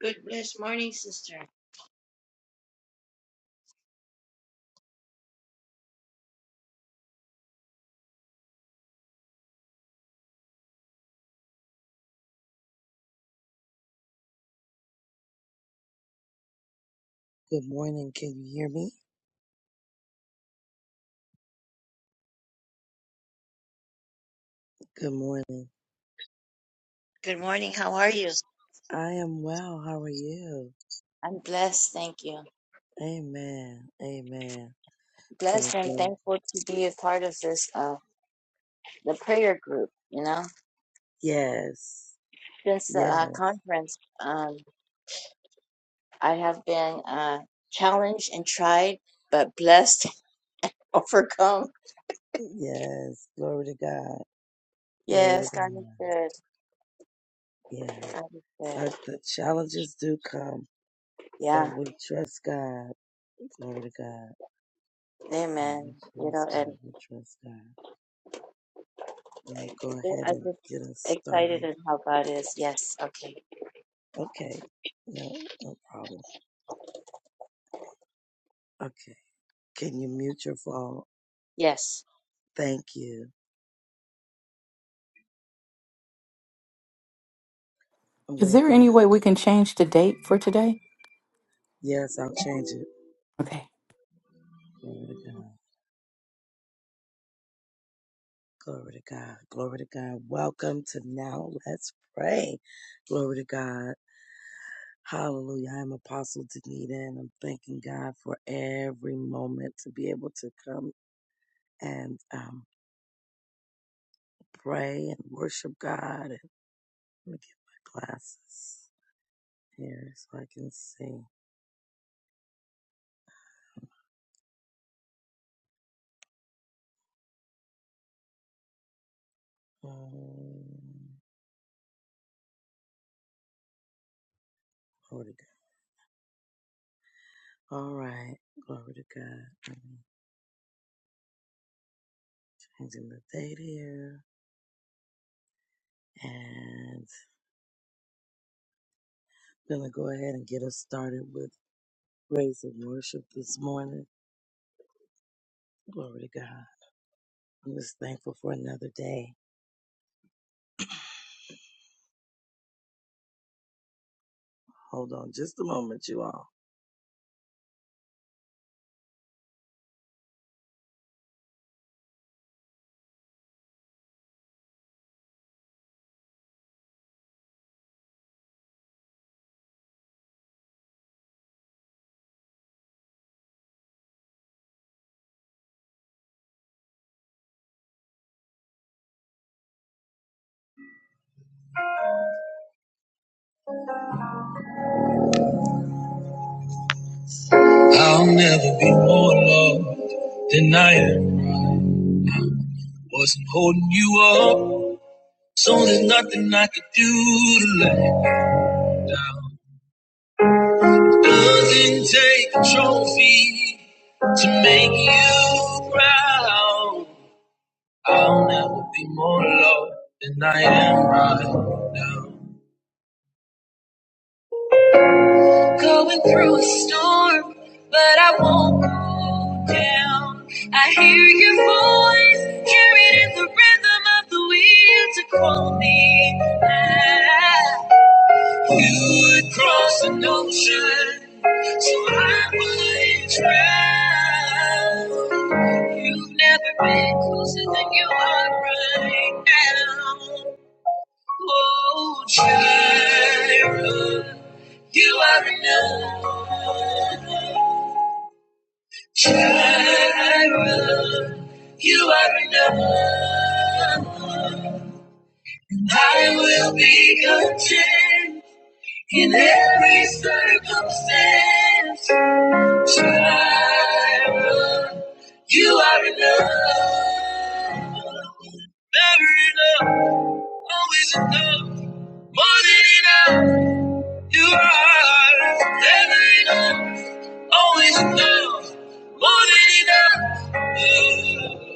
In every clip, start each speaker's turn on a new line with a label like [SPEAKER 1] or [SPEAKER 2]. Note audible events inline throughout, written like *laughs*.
[SPEAKER 1] Good blessed morning, sister.
[SPEAKER 2] Good morning. Can you hear me? Good morning.
[SPEAKER 1] Good morning. How are you?
[SPEAKER 2] I am well. How are you?
[SPEAKER 1] I'm blessed, thank you.
[SPEAKER 2] Amen. Amen. Gonna
[SPEAKER 1] Blessed and
[SPEAKER 2] glory.
[SPEAKER 1] thankful to be a part of this, uh, the prayer group. You know,
[SPEAKER 2] Yes.
[SPEAKER 1] since the uh,
[SPEAKER 2] Yes.
[SPEAKER 1] conference, um, I have been uh, challenged and tried, but blessed, *laughs* overcome.
[SPEAKER 2] Yes. Glory to God. Glory to
[SPEAKER 1] Yes, God is
[SPEAKER 2] God.
[SPEAKER 1] good.
[SPEAKER 2] Yeah.
[SPEAKER 1] God is
[SPEAKER 2] Our,
[SPEAKER 1] good.
[SPEAKER 2] the challenges do come,
[SPEAKER 1] Yeah,
[SPEAKER 2] but we trust God. Glory to God. Yeah, we
[SPEAKER 1] Amen. You know,
[SPEAKER 2] trust
[SPEAKER 1] and
[SPEAKER 2] God. We trust God. Gonna
[SPEAKER 1] I-
[SPEAKER 2] go ahead
[SPEAKER 1] I- I'm
[SPEAKER 2] and
[SPEAKER 1] just
[SPEAKER 2] get us started.
[SPEAKER 1] excited at how God is. Yes. Okay.
[SPEAKER 2] Okay. No, no problem. Okay. Can you mute your phone?
[SPEAKER 1] Yes.
[SPEAKER 2] Thank you. I'm
[SPEAKER 3] Is
[SPEAKER 2] gonna
[SPEAKER 3] there
[SPEAKER 2] go.
[SPEAKER 3] any way we can change the date for today?
[SPEAKER 2] Yes, I'll change it.
[SPEAKER 3] Okay.
[SPEAKER 2] Glory to God. Glory to God. Glory to God. Welcome to Now Let's Pray. Glory to God. Hallelujah. I'm Apostle Danita and I'm thanking God for every moment to be able to come and um, pray and worship God. And let me get my glasses here so I can see. Um, glory to God. All right. Glory to God. I'm changing the date here. and. Gonna go ahead and get us started with praise and worship this morning. Glory to God. I'm just thankful for another day. Hold on just a moment, you all. I'll never be more loved than I am. Wasn't holding you up, so there's nothing I could do to let. Doesn't take a trophy to make you proud. I'll never be more loved than I am right now. Going through a storm, but I won't go down. I hear your voice, carried in the rhythm of the wind to call me back. You would cross an ocean, so I wouldn't drown. You've never been closer than you are right now. Oh, Jireh, you are enough. Jireh, you are enough. I will be content in every circumstance. Jireh, you are enough. Never enough, always enough, more than enough. You are everything, always enough, more than enough.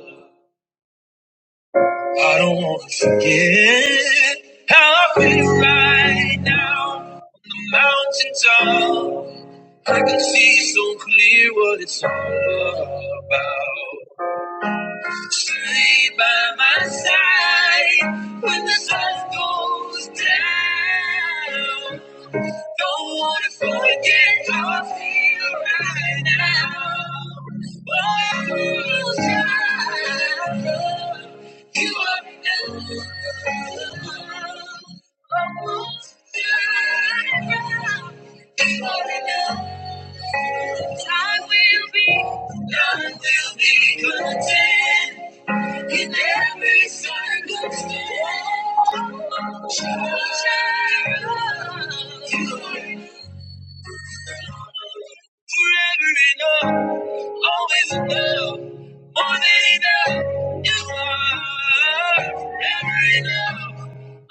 [SPEAKER 2] I don't want to forget how I feel right now. On the mountaintop, I can see so clear what it's all about. Stay by my side when the sun goes down. Don't wanna forget how I feel right now. Oh, child, you are enough. Oh, child, you are enough. I will be, I will be content. In every circumstance, you are forever enough, always enough, more than enough. You are forever enough,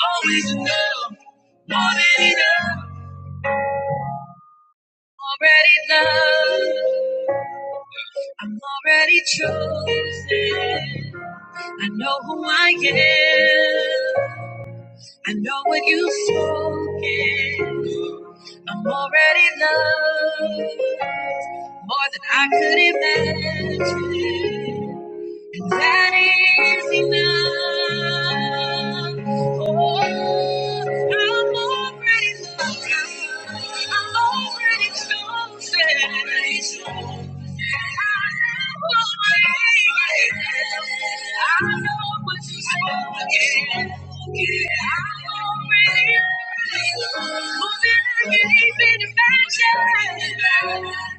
[SPEAKER 2] always enough, more than enough. Already loved, I'm already chosen. I know who I am. I know what you've spoken. I'm already loved more than I could imagine. And That is enough. Oh, I'm already loved. I'm already chosen. I know what I know what you're saying. I'm already loved. More than I can even imagine.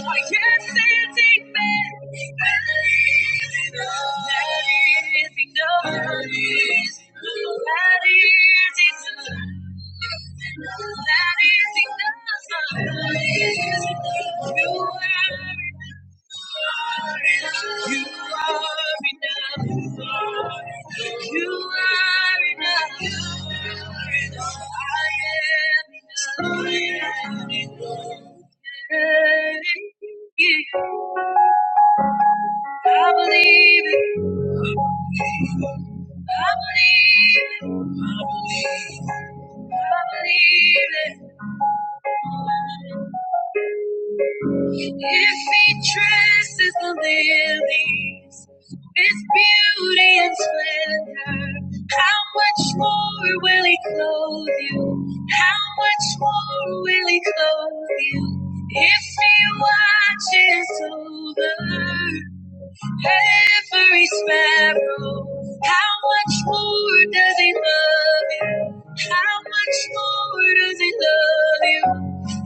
[SPEAKER 2] I can't say it's amen nothing done. is That is enough. That is enough. You are enough. You are enough. You are enough. I am enough. I am enough. I believe it. I believe it. I believe it. I believe it. If he dresses the lilies with beauty and splendor, how much more will he clothe you? How much more will he clothe you? If he watches over every sparrow. How much more does he love you? How much more does he love you?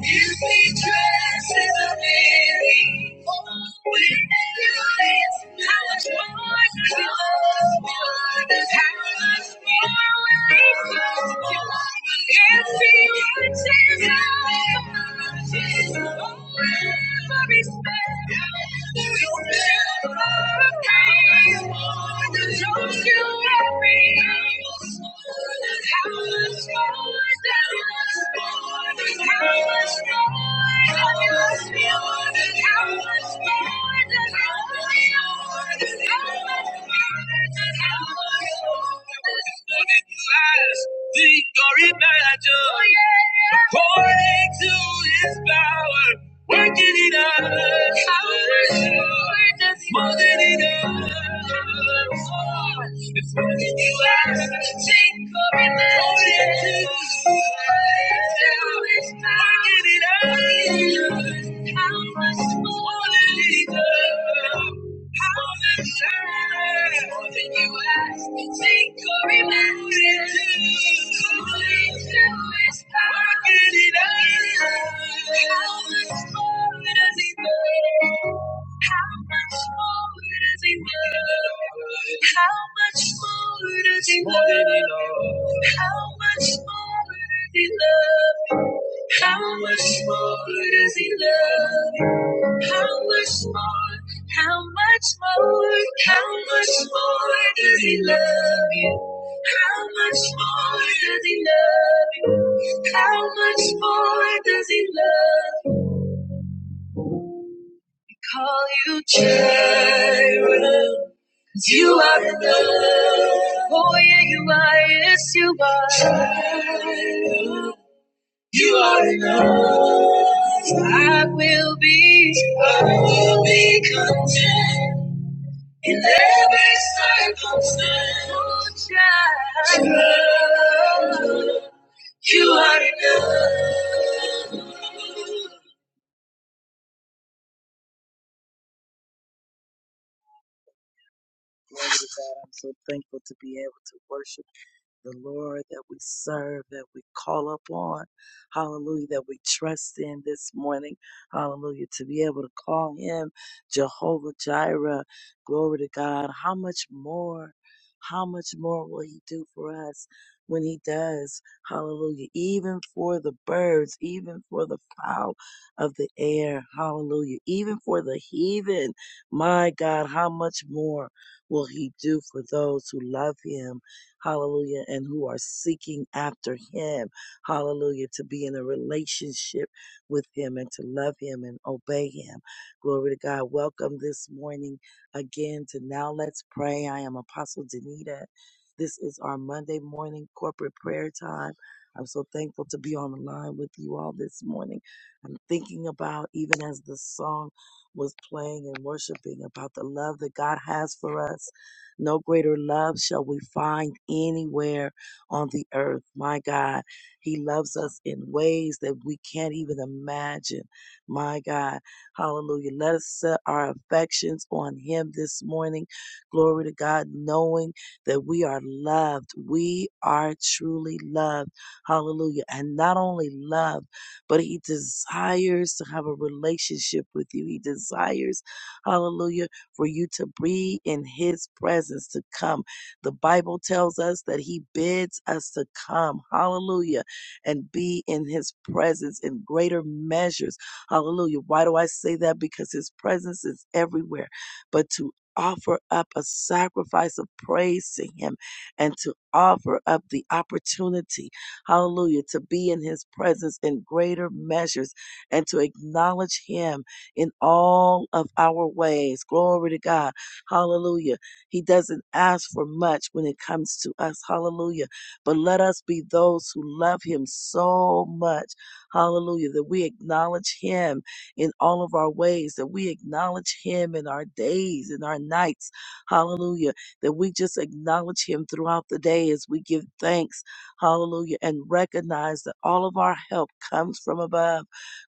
[SPEAKER 2] If he dresses a lily, oh, with beauty, how much more does he love you? How much more will he love you? If he watches out how much more? Victory measure, according to his power, working in us. It's more than enough. It's more than you ask. Victory measure, according to his power, working in us. It's more than enough. How much more does he love? How much more does he love you? How much more? How much more? How much more does he love you? How much more does he love you? How much more does he love you? Call you Jireh. 'Cause You are enough. Oh yeah, you are. Yes, you are. Jireh. You are enough. I will be, I will be content in every circumstance. Oh, child. You are enough. Glory to God, I'm so thankful to to be able to worship. the Lord that we serve, that we call upon. Hallelujah, that we trust in this morning. Hallelujah, to be able to call him Jehovah Jireh. Glory to God. How much more? How much more will he do for us when he does? Hallelujah. Even for the birds, even for the fowl of the air. Hallelujah. Even for the heathen. My God, how much more will he do for those who love him? hallelujah, and who are seeking after Him, hallelujah, to be in a relationship with Him and to love Him and obey Him. Glory to God. Welcome this morning again to Now Let's Pray. I am Apostle Danita. This is our Monday morning corporate prayer time. I'm so thankful to be on the line with you all this morning. I'm thinking about, even as the song was playing and worshiping, about the love that God has for us no greater love shall we find anywhere on the earth. My God, He loves us in ways that we can't even imagine. My God, hallelujah. Let us set our affections on Him this morning. Glory to God, knowing that we are loved. We are truly loved. Hallelujah. And not only loved, but He desires to have a relationship with you. He desires, hallelujah for you to be in his presence, to come. The Bible tells us that he bids us to come, hallelujah, and be in his presence in greater measures, hallelujah. Why do I say that? Because his presence is everywhere. But to offer up a sacrifice of praise to him and to offer up the opportunity, hallelujah, to be in his presence in greater measures and to acknowledge him in all of our ways. Glory to God. Hallelujah. He doesn't ask for much when it comes to us. Hallelujah. But let us be those who love him so much. Hallelujah. That we acknowledge him in all of our ways, that we acknowledge him in our days, in our nights. Hallelujah. That we just acknowledge him throughout the day as we give thanks. Hallelujah. And recognize that all of our help comes from above.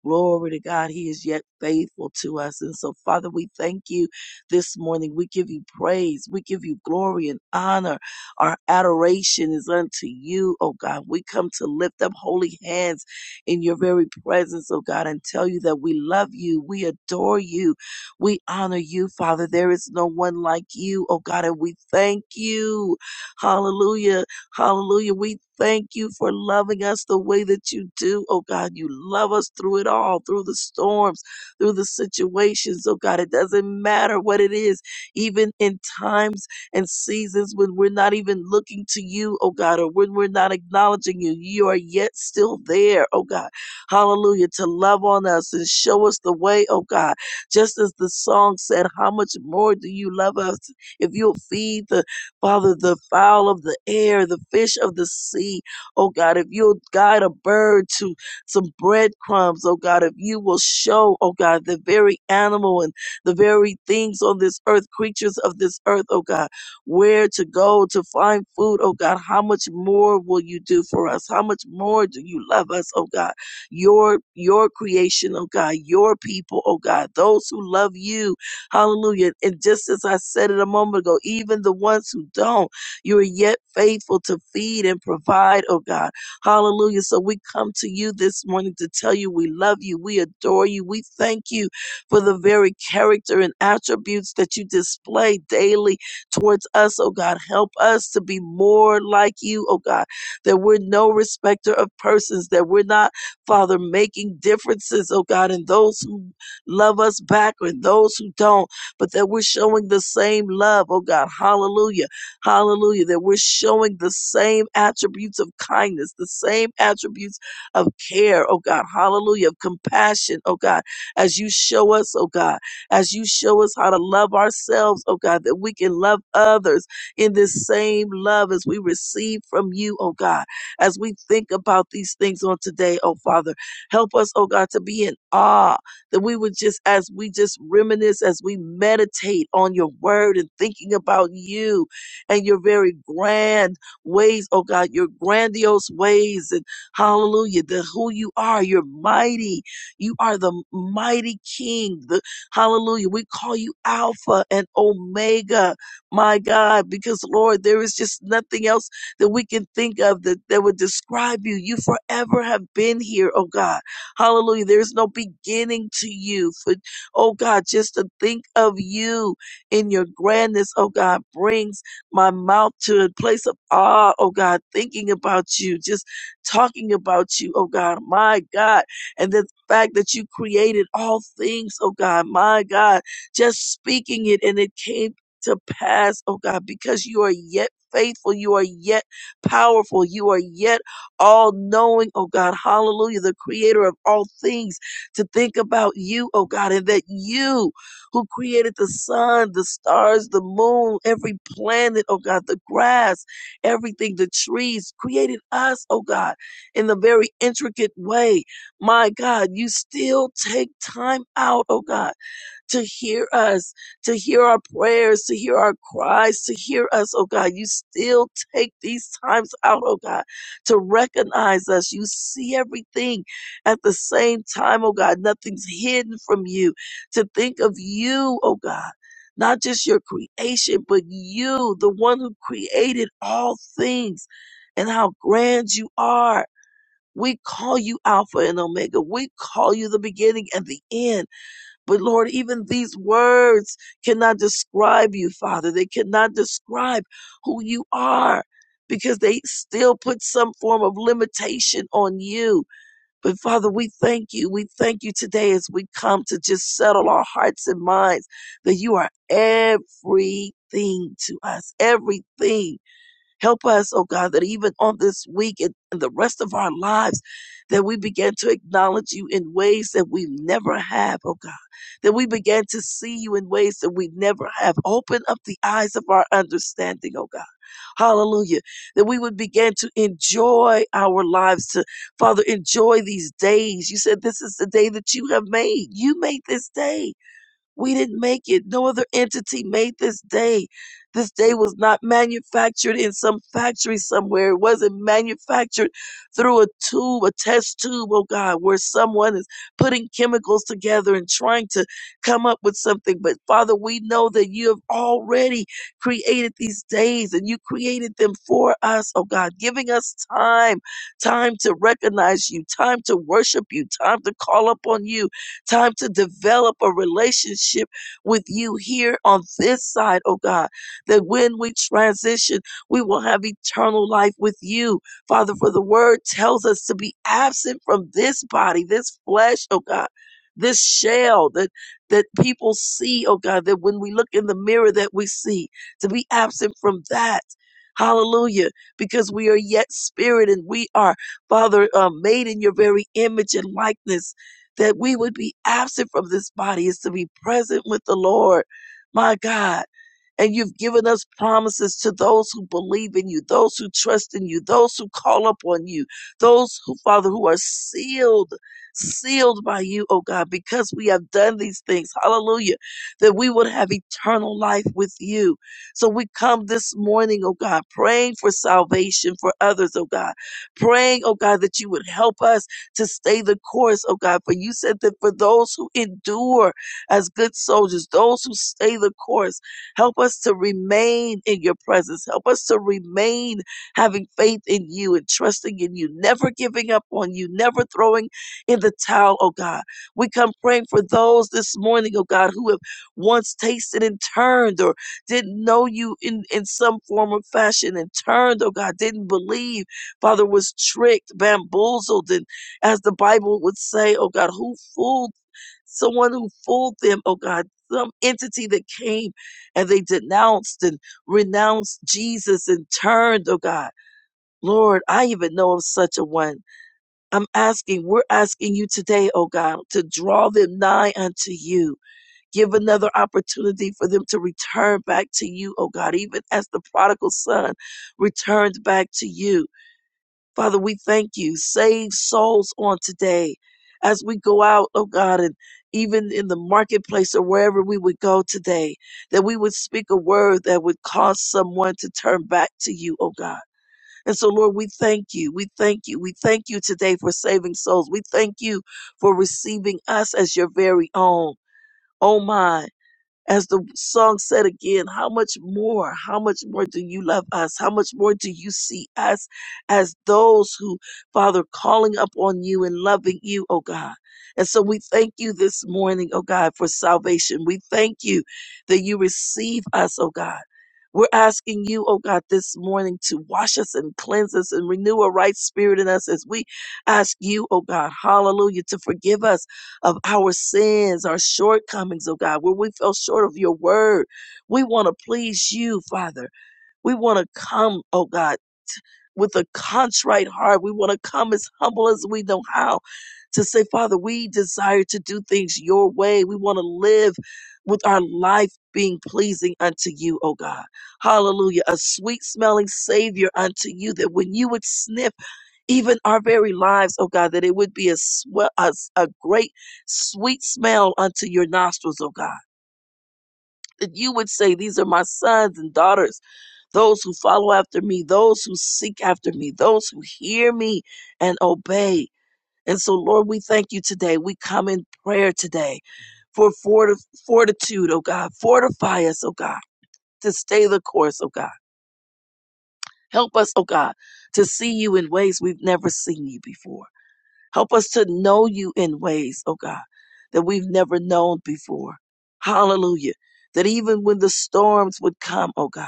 [SPEAKER 2] Glory to God. He is yet faithful to us. And so, Father, we thank you this morning. We give you praise. We give you glory and honor. Our adoration is unto you, oh God. We come to lift up holy hands in your very presence, oh God, and tell you that we love you. We adore you. We honor you, Father. There is no one like you, oh God, and we thank you. Hallelujah Hallelujah. We thank you for loving us the way that you do. Oh God, you love us through it all, through the storms, through the situations. Oh God, it doesn't matter what it is, even in times and seasons when we're not even looking to you, oh God, or when we're not acknowledging you, you are yet still there, oh God. Hallelujah. To love on us and show us the way, oh God. Just as the song said, How much more do you love us? If you'll feed the Father, the fowl of the air, the fish of the sea. Oh God, if you'll guide a bird to some breadcrumbs, oh God, if you will show, oh God, the very animal and the very things on this earth, creatures of this earth, oh God, where to go to find food, oh God, how much more will you do for us? How much more do you love us, oh God? Your your creation, oh God, your people, oh God, those who love you Hallelujah. And just as I said it a moment ago, even the ones who don't, you are yet faithful to feed and provide, oh God. Hallelujah. So we come to you this morning to tell you we love you, we adore you, we thank you for the very character and attributes that you display daily towards us, oh God. Help us to be more like you, oh God, that we're no respecter of persons, that we're not, Father, making differences, oh God, in those who love us back or those who don't, but that we're showing the same love, oh God. Hallelujah. Hallelujah. That we're showing the same attributes of kindness, the same attributes of care, oh God. Hallelujah. Of compassion, oh God. As you show us, oh God, as you show us how to love ourselves, oh God, that we can love others in this same love as we receive from you, oh God. As we think about these things on today, oh Father, help us, oh God, to be in awe that we would just, as we just reminisce, as we meditate on your word and thinking about you and your very grand ways, oh God, your grandiose ways and hallelujah, the who you are, you're mighty. You are the mighty king. The hallelujah. We call you Alpha and Omega, my God, because Lord, there is just nothing else that we can think of that, that would describe you. You forever have been here, oh God. Hallelujah. There's no beginning to you. For oh God, just to think of you in your grandness, oh God, brings my mouth to a place of awe, oh God, thinking about you, just talking about you, oh God, my God. And the fact that you created all things, oh God, my God, just speaking it and it came to pass, oh God, because you are yet faithful, you are yet powerful, you are yet all knowing, oh God, hallelujah, the creator of all things, to think about you, oh God, and that you who created the sun, the stars, the moon, every planet, oh God, the grass, everything, the trees, created us, oh God, in the very intricate way. My God, you still take time out, oh God to hear us, to hear our prayers, to hear our cries, to hear us, oh God. You still take these times out, oh God, to recognize us. You see everything at the same time, oh God. Nothing's hidden from you. To think of you, oh God. Not just your creation, but you, the one who created all things, and how grand you are. We call you Alpha and Omega. We call you the beginning and the end. But Lord, even these words cannot describe you, Father. They cannot describe who you are because they still put some form of limitation on you. But Father, we thank you. We thank you today as we come to just settle our hearts and minds that you are everything to us, everything. Help us, oh God, that even on this week and, and the rest of our lives, that we begin to acknowledge you in ways that we never have, oh God. That we began to see you in ways that we never have. Open up the eyes of our understanding, oh God. Hallelujah. That we would begin to enjoy our lives, to Father, enjoy these days. You said this is the day that you have made. You made this day. We didn't make it. No other entity made this day. This day was not manufactured in some factory somewhere. It wasn't manufactured through a tube, a test tube, oh God, where someone is putting chemicals together and trying to come up with something. But Father, we know that you have already created these days and you created them for us, oh God, giving us time, time to recognize you, time to worship you, time to call upon you time to develop a relationship with you here on this side, oh God, that when we transition, we will have eternal life with you. Father, for the word tells us to be absent from this body, this flesh, oh God. This shell that that people see, oh God, that when we look in the mirror that we see, to be absent from that. Hallelujah. Because we are yet spirit and we are, Father, uh, made in your very image and likeness that we would be absent from this body is to be present with the Lord. My God. And you've given us promises to those who believe in you, those who trust in you, those who call upon you, those who, Father, who are sealed, sealed by you, oh God, because we have done these things. Hallelujah. That we would have eternal life with you. So we come this morning, oh God, praying for salvation for others, oh God, praying, oh God, that you would help us to stay the course, oh God. For you said that for those who endure as good soldiers, those who stay the course, help us to remain in your presence. Help us to remain having faith in you and trusting in you, never giving up on you, never throwing in the towel, oh God. We come praying for those this morning, oh God, who have once tasted and turned or didn't know you in, in some form or fashion and turned, oh God, didn't believe, Father, was tricked, bamboozled, and as the Bible would say, oh God, who fooled someone who fooled them, oh God, some entity that came and they denounced and renounced Jesus and turned, oh God. Lord, I even know of such a one. I'm asking, we're asking you today, oh God, to draw them nigh unto you. Give another opportunity for them to return back to you, oh God, even as the prodigal son returned back to you. Father, we thank you. Save souls on today as we go out, oh God, and even in the marketplace or wherever we would go today, that we would speak a word that would cause someone to turn back to you, oh God. And so, Lord, we thank you. We thank you. We thank you today for saving souls. We thank you for receiving us as your very own. Oh my. As the song said again, how much more, how much more do you love us? How much more do you see us as those who, Father, calling up on you and loving you, oh God? And so we thank you this morning, oh God, for salvation. We thank you that you receive us, oh God. We're asking you, oh God, this morning to wash us and cleanse us and renew a right spirit in us as we ask you, oh God, hallelujah, to forgive us of our sins, our shortcomings, oh God, where we fell short of your word. We want to please you, Father. We want to come, oh God, with a contrite heart. We want to come as humble as we know how to say, Father, we desire to do things your way. We want to live with our life being pleasing unto you, oh God. Hallelujah. A sweet smelling Savior unto you that when you would sniff, even our very lives, oh God, that it would be a, swe- a, s- a great sweet smell unto your nostrils, oh God. That you would say, These are my sons and daughters, those who follow after me, those who seek after me, those who hear me and obey. And so, Lord, we thank you today. We come in prayer today for forti- fortitude, oh God. Fortify us, oh God, to stay the course, oh God. Help us, oh God, to see you in ways we've never seen you before. Help us to know you in ways, oh God, that we've never known before. Hallelujah. That even when the storms would come, oh God,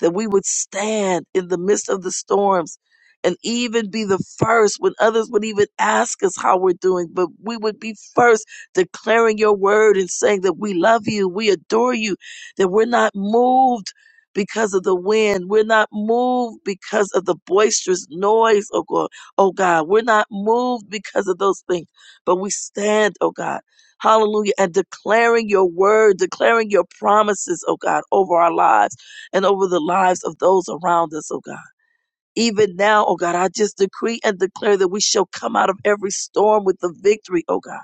[SPEAKER 2] that we would stand in the midst of the storms and even be the first when others would even ask us how we're doing, but we would be first declaring your word and saying that we love you, we adore you, that we're not moved because of the wind. We're not moved because of the boisterous noise, oh God oh God. We're not moved because of those things, but we stand, oh God. Hallelujah. And declaring your word, declaring your promises, oh God, over our lives and over the lives of those around us, oh God. Even now, oh God, I just decree and declare that we shall come out of every storm with the victory, oh God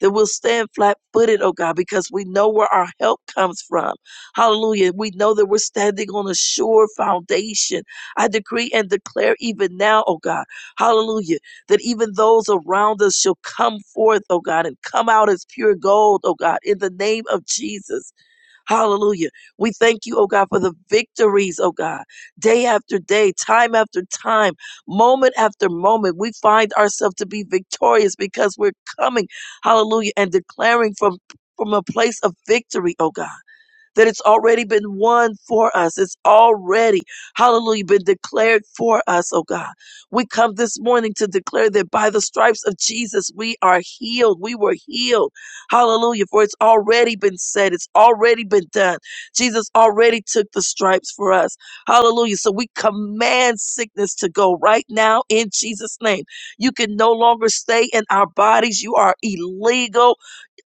[SPEAKER 2] that we'll stand flat footed, oh God, because we know where our help comes from. Hallelujah. We know that we're standing on a sure foundation. I decree and declare even now, oh God, hallelujah, that even those around us shall come forth, oh God, and come out as pure gold, oh God, in the name of Jesus. Hallelujah. We thank you, oh God, for the victories, oh God, day after day, time after time, moment after moment. We find ourselves to be victorious because we're coming, hallelujah, and declaring from, from a place of victory, oh God that it's already been won for us. It's already, hallelujah, been declared for us, oh God. We come this morning to declare that by the stripes of Jesus, we are healed. We were healed. Hallelujah. For it's already been said, it's already been done. Jesus already took the stripes for us. Hallelujah. So we command sickness to go right now in Jesus' name. You can no longer stay in our bodies. You are illegal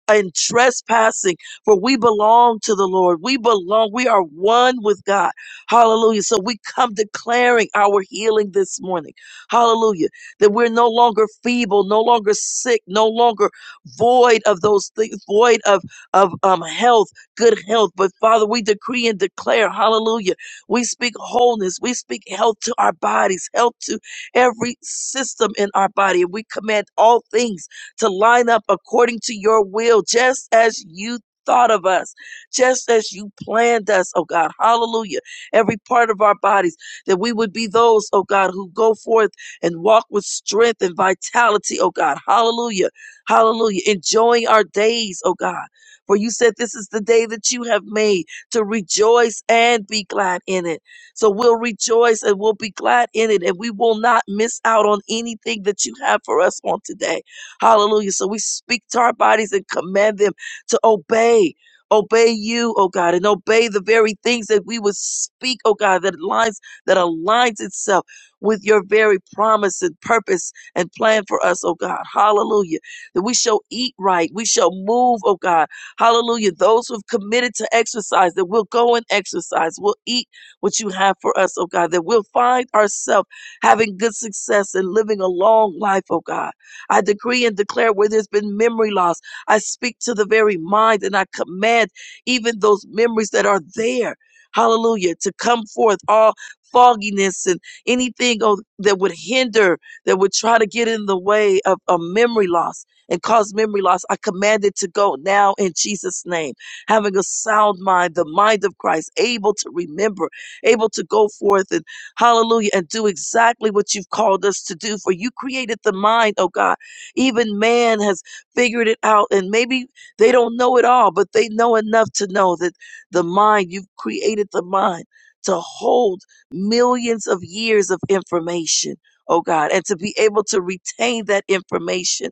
[SPEAKER 2] and trespassing, for we belong to the Lord. We belong, we are one with God. Hallelujah. So we come declaring our healing this morning. Hallelujah. That we're no longer feeble, no longer sick, no longer void of those things, void of, of um, health, good health. But Father, we decree and declare, hallelujah. We speak wholeness, we speak health to our bodies, health to every system in our body, and we command all things to line up according to your will, just as you thought of us, just as you planned us, oh God. Hallelujah. Every part of our bodies, that we would be those, oh God, who go forth and walk with strength and vitality, oh God. Hallelujah. Hallelujah. Enjoying our days, oh God. For you said this is the day that you have made to rejoice and be glad in it. So we'll rejoice and we'll be glad in it, and we will not miss out on anything that you have for us on today. Hallelujah. So we speak to our bodies and command them to obey. Obey you, oh God, and obey the very things that we would speak, oh God, that aligns that aligns itself with your very promise and purpose and plan for us, oh God. Hallelujah. That we shall eat right, we shall move, oh God. Hallelujah. Those who've committed to exercise, that we'll go and exercise, we'll eat what you have for us, oh God, that we'll find ourselves having good success and living a long life, oh God. I decree and declare where there's been memory loss. I speak to the very mind and I command even those memories that are there, hallelujah, to come forth all fogginess and anything oh, that would hinder, that would try to get in the way of a memory loss and cause memory loss. I command it to go now in Jesus' name. Having a sound mind, the mind of Christ, able to remember, able to go forth and hallelujah and do exactly what you've called us to do. For you created the mind, oh God. Even man has figured it out, and maybe they don't know it all, but they know enough to know that the mind, you've created the mind to hold millions of years of information, oh God, and to be able to retain that information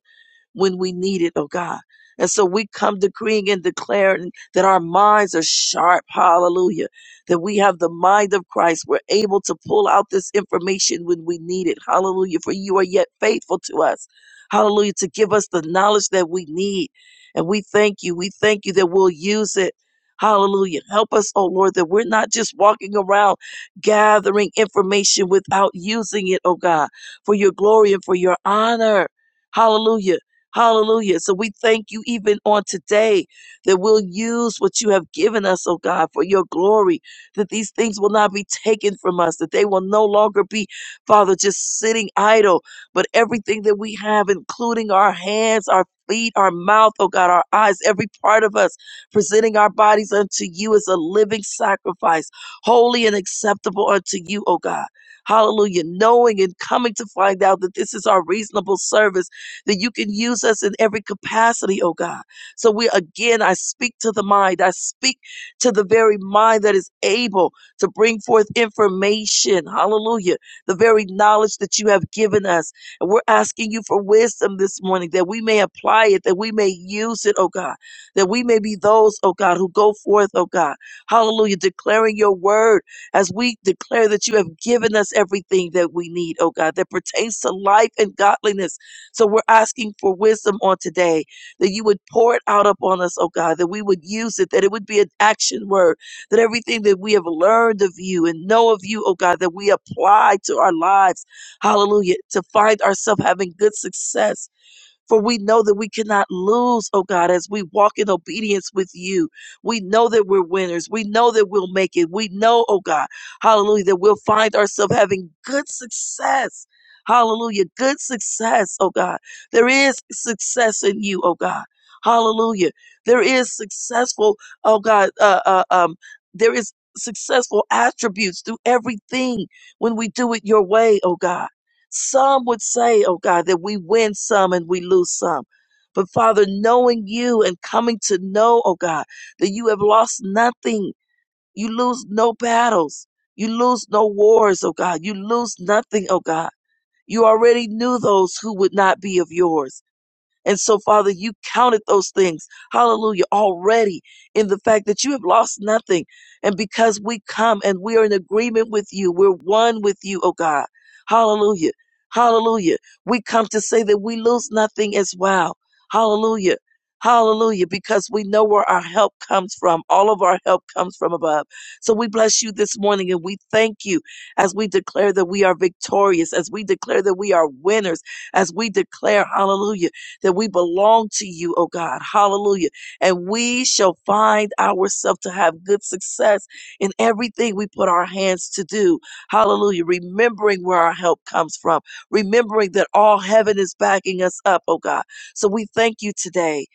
[SPEAKER 2] when we need it, oh God. And so we come decreeing and declaring that our minds are sharp. Hallelujah. That we have the mind of Christ. We're able to pull out this information when we need it. Hallelujah. For you are yet faithful to us. Hallelujah. To give us the knowledge that we need. And we thank you. We thank you that we'll use it. Hallelujah. Help us, oh Lord, that we're not just walking around gathering information without using it, oh God, for your glory and for your honor. Hallelujah Hallelujah. So we thank you even on today that we'll use what you have given us, oh God, for your glory, that these things will not be taken from us, that they will no longer be, Father, just sitting idle, but everything that we have, including our hands, our feet, our mouth, oh God, our eyes, every part of us, presenting our bodies unto you as a living sacrifice, holy and acceptable unto you, oh God. Hallelujah. Knowing and coming to find out that this is our reasonable service that you can use us in every capacity, oh God. So we again, I speak to the mind. I speak to the very mind that is able to bring forth information. Hallelujah. The very knowledge that you have given us. And we're asking you for wisdom this morning that we may apply it, that we may use it, oh God, that we may be those, oh God, who go forth, oh God. Hallelujah. Declaring your word as we declare that you have given us everything that we need, oh God, that pertains to life and godliness so we're asking for wisdom on today that you would pour it out upon us, oh God, that we would use it, that it would be an action word, that everything that we have learned of you and know of you, oh God, that we apply to our lives. Hallelujah. To find ourselves having good success for we know that we cannot lose, oh God, as we walk in obedience with you. We know that we're winners. We know that we'll make it. We know, oh God, hallelujah, that we'll find ourselves having good success. Hallelujah. Good success, oh God. There is success in you, oh God. Hallelujah. There is successful, oh God, uh, uh, um, there is successful attributes through everything when we do it your way, oh God. Some would say, oh God, that we win some and we lose some. But Father, knowing you and coming to know, oh God, that you have lost nothing. You lose no battles. You lose no wars, oh God. You lose nothing, oh God. You already knew those who would not be of yours. And so, Father, you counted those things, hallelujah, already in the fact that you have lost nothing. And because we come and we are in agreement with you, we're one with you, oh God. Hallelujah. Hallelujah. We come to say that we lose nothing as well. Hallelujah. Hallelujah. Because we know where our help comes from. All of our help comes from above. So we bless you this morning and we thank you as we declare that we are victorious, as we declare that we are winners, as we declare, hallelujah that we belong to you, oh God. Hallelujah. And we shall find ourselves to have good success in everything we put our hands to do. Hallelujah. Remembering where our help comes from, remembering that all heaven is backing us up, oh God. So we thank you today.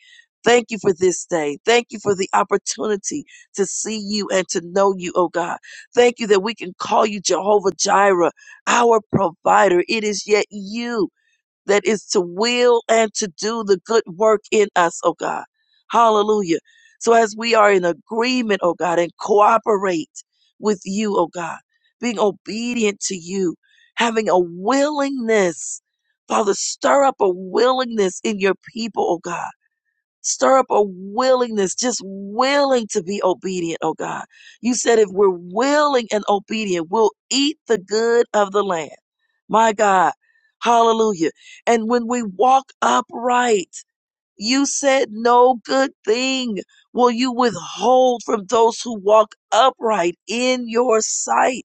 [SPEAKER 2] Thank you for this day. Thank you for the opportunity to see you and to know you, oh God. Thank you that we can call you Jehovah Jireh, our provider. It is yet you that is to will and to do the good work in us, oh God. Hallelujah. So as we are in agreement, oh God, and cooperate with you, oh God, being obedient to you, having a willingness, Father, stir up a willingness in your people, oh God Stir up a willingness, just willing to be obedient, oh God. You said if we're willing and obedient, we'll eat the good of the land. My God. Hallelujah. And when we walk upright, you said no good thing will you withhold from those who walk upright in your sight.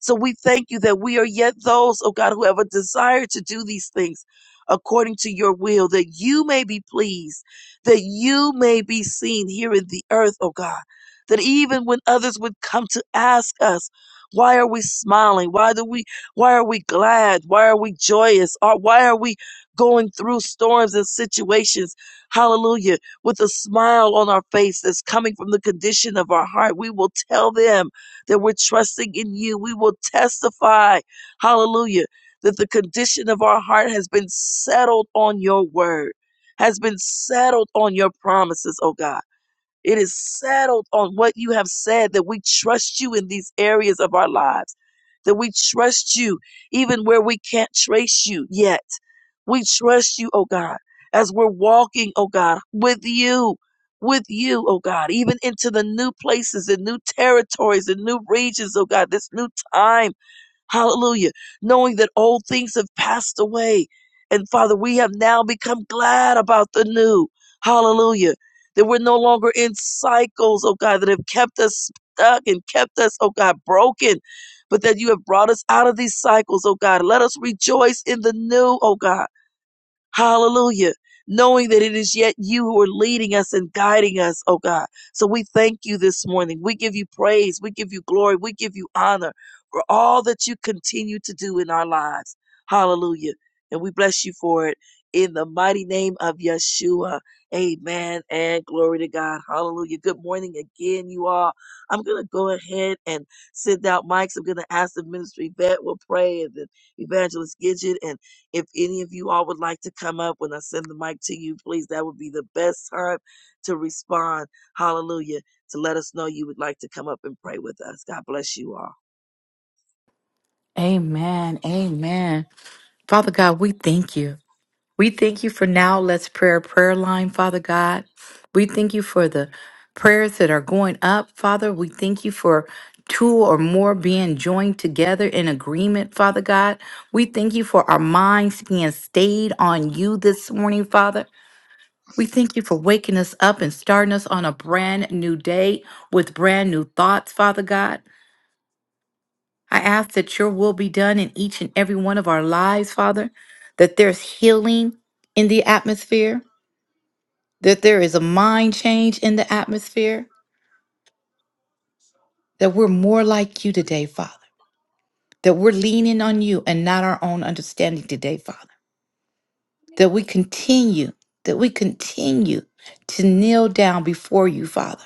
[SPEAKER 2] So we thank you that we are yet those, oh God, who have a desire to do these things according to your will, that you may be pleased, that you may be seen here in the earth, oh God. That even when others would come to ask us, why are we smiling? Why do we why are we glad? Why are we joyous? Or why are we going through storms and situations? Hallelujah. With a smile on our face that's coming from the condition of our heart, we will tell them that we're trusting in you. We will testify, hallelujah, that the condition of our heart has been settled on your word, has been settled on your promises, oh God. It is settled on what you have said that we trust you in these areas of our lives, that we trust you even where we can't trace you yet. We trust you, oh God, as we're walking, oh God, with you, with you, oh God, even into the new places and new territories and new regions, oh God, this new time Hallelujah. Knowing that old things have passed away. And Father, we have now become glad about the new. Hallelujah. That we're no longer in cycles, oh God, that have kept us stuck and kept us, oh God, broken. But that you have brought us out of these cycles, oh God. Let us rejoice in the new, oh God. Hallelujah. Knowing that it is yet you who are leading us and guiding us, oh God. So we thank you this morning. We give you praise. We give you glory. We give you honor for all that you continue to do in our lives. Hallelujah. And we bless you for it in the mighty name of Yeshua. Amen. And glory to God. Hallelujah. Good morning again, you all. I'm going to go ahead and send out mics. I'm going to ask the ministry vet will pray and then evangelist Gidget and if any of you all would like to come up when I send the mic to you, please, that would be the best time to respond. Hallelujah. To let us know you would like to come up and pray with us. God bless you all.
[SPEAKER 3] Amen. Amen. Father God, we thank you. We thank you for now. Let's prayer prayer line, Father God. We thank you for the prayers that are going up, Father. We thank you for two or more being joined together in agreement, Father God. We thank you for our minds being stayed on you this morning, Father. We thank you for waking us up and starting us on a brand new day with brand new thoughts, Father God. I ask that your will be done in each and every one of our lives, Father, that there's healing in the atmosphere, that there is a mind change in the atmosphere, that we're more like you today, Father, that we're leaning on you and not our own understanding today, Father, that we continue, that we continue to kneel down before you, Father,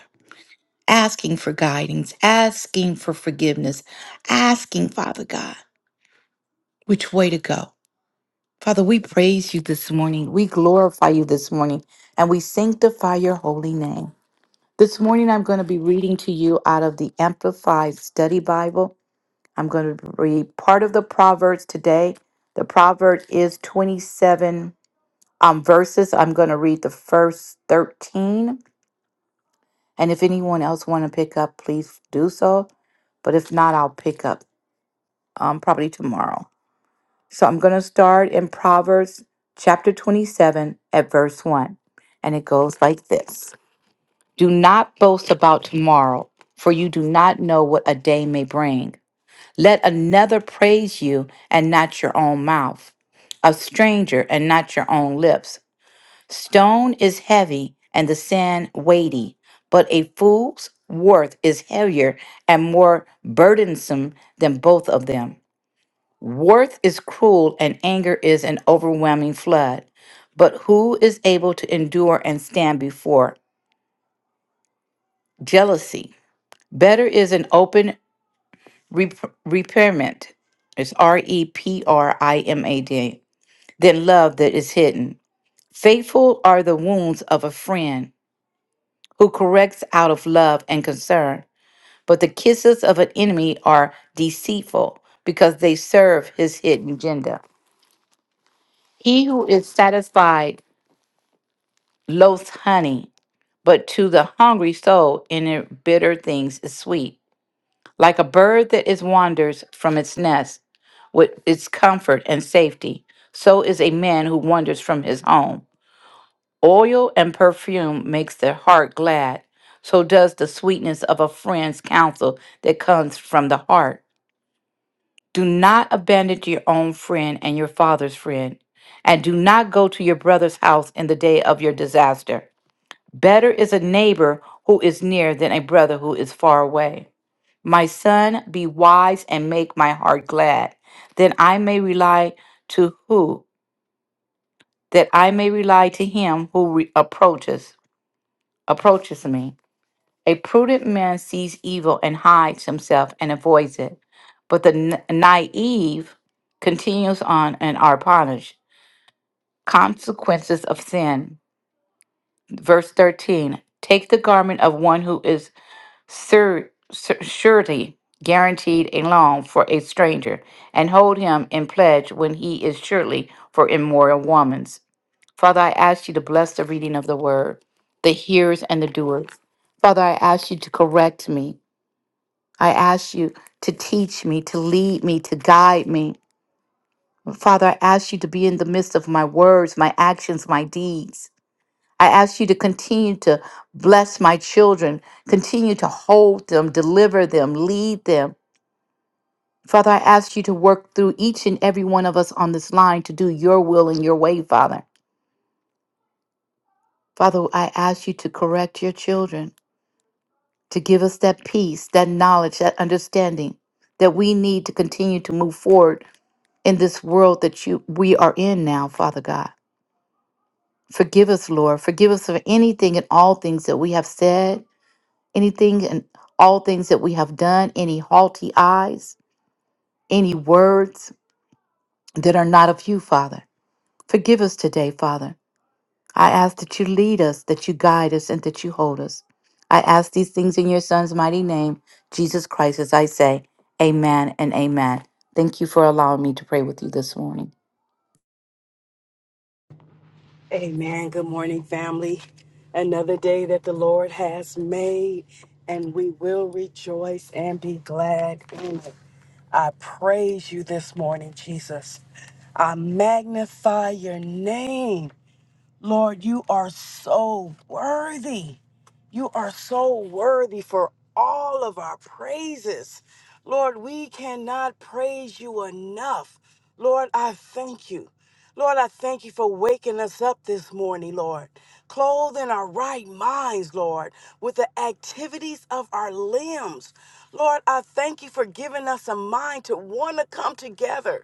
[SPEAKER 3] asking for guidance, asking for forgiveness, asking, Father God, which way to go Father, we praise you this morning. We glorify you this morning and we sanctify your holy name. This morning, I'm going to be reading to you out of the Amplified Study Bible. I'm going to read part of the Proverbs today. The proverb is 27 um, verses. I'm going to read the first 13. And if anyone else want to pick up, please do so. But if not, I'll pick up um, probably tomorrow. So I'm going to start in Proverbs chapter 27 at verse 1. And it goes like this Do not boast about tomorrow, for you do not know what a day may bring. Let another praise you and not your own mouth, a stranger and not your own lips. Stone is heavy and the sand weighty, but a fool's worth is heavier and more burdensome than both of them. Worth is cruel and anger is an overwhelming flood. But who is able to endure and stand before jealousy? Better is an open rep- repairment. It's R E P R I M A D. Than love that is hidden. Faithful are the wounds of a friend who corrects out of love and concern. But the kisses of an enemy are deceitful because they serve his hidden agenda. He who is satisfied loath honey, but to the hungry soul in it bitter things is sweet. Like a bird that is wanders from its nest with its comfort and safety, so is a man who wanders from his home. Oil and perfume makes the heart glad, so does the sweetness of a friend's counsel that comes from the heart. Do not abandon your own friend and your father's friend, and do not go to your brother's house in the day of your disaster. Better is a neighbor who is near than a brother who is far away. My son, be wise and make my heart glad, that I may rely to who, that I may rely to him who re- approaches approaches me. A prudent man sees evil and hides himself and avoids it, but the n- naive continues on and are punished. Consequences of sin. Verse 13. Take the garment of one who is sur- sur- surety guaranteed a loan for a stranger, and hold him in pledge when he is surely for immoral woman's. Father, I ask you to bless the reading of the word, the hearers and the doers. Father, I ask you to correct me. I ask you to teach me, to lead me, to guide me. Father, I ask you to be in the midst of my words, my actions, my deeds. I ask you to continue to bless my children, continue to hold them, deliver them, lead them. Father, I ask you to work through each and every one of us on this line to do your will and your way, Father. Father, I ask you to correct your children, to give us that peace, that knowledge, that understanding that we need to continue to move forward in this world that you we are in now, Father God. Forgive us, Lord. Forgive us for anything and all things that we have said, anything and all things that we have done, any haughty eyes, any words that are not of you, Father. Forgive us today, Father. I ask that you lead us, that you guide us, and that you hold us. I ask these things in your Son's mighty name, Jesus Christ, as I say, Amen and Amen. Thank you for allowing me to pray with you this morning.
[SPEAKER 4] Amen. Good morning, family. Another day that the Lord has made, and we will rejoice and be glad in it. I praise you this morning, Jesus. I magnify your name. Lord, you are so worthy. You are so worthy for all of our praises. Lord, we cannot praise you enough. Lord, I thank you. Lord, I thank you for waking us up this morning, Lord. Clothing our right minds, Lord, with the activities of our limbs. Lord, I thank you for giving us a mind to want to come together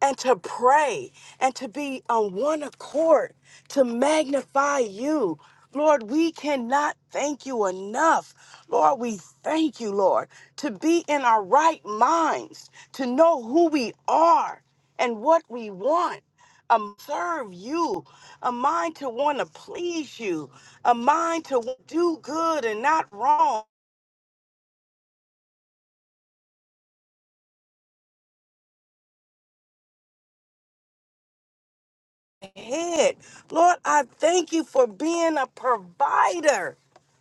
[SPEAKER 4] and to pray and to be on one accord to magnify you. Lord, we cannot thank you enough. Lord, we thank you, Lord, to be in our right minds, to know who we are and what we want. Um, serve you, a mind to want to please you, a mind to do good and not wrong head. Lord, I thank you for being a provider.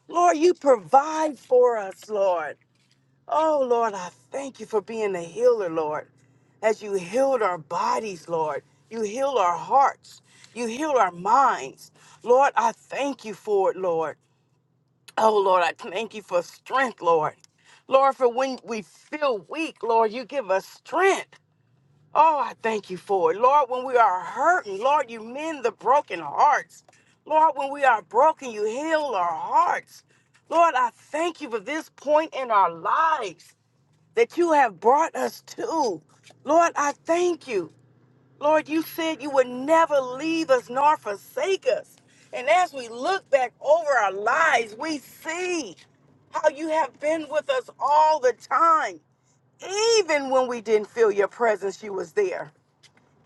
[SPEAKER 4] Lord, you provide for us, Lord. Oh, Lord, I thank you for being a healer, Lord. As you healed our bodies, Lord, you heal our hearts, you heal our minds. Lord, I thank you for it, Lord. Oh, Lord, I thank you for strength, Lord. Lord, for when we feel weak, Lord, you give us strength. Oh, I thank you for it. Lord, when we are hurting, Lord, you mend the broken hearts. Lord, when we are broken, you heal our hearts. Lord, I thank you for this point in our lives that you have brought us to. Lord, I thank you. Lord, you said you would never leave us nor forsake us. And as we look back over our lives, we see how you have been with us all the time. Even when we didn't feel your presence, you was there.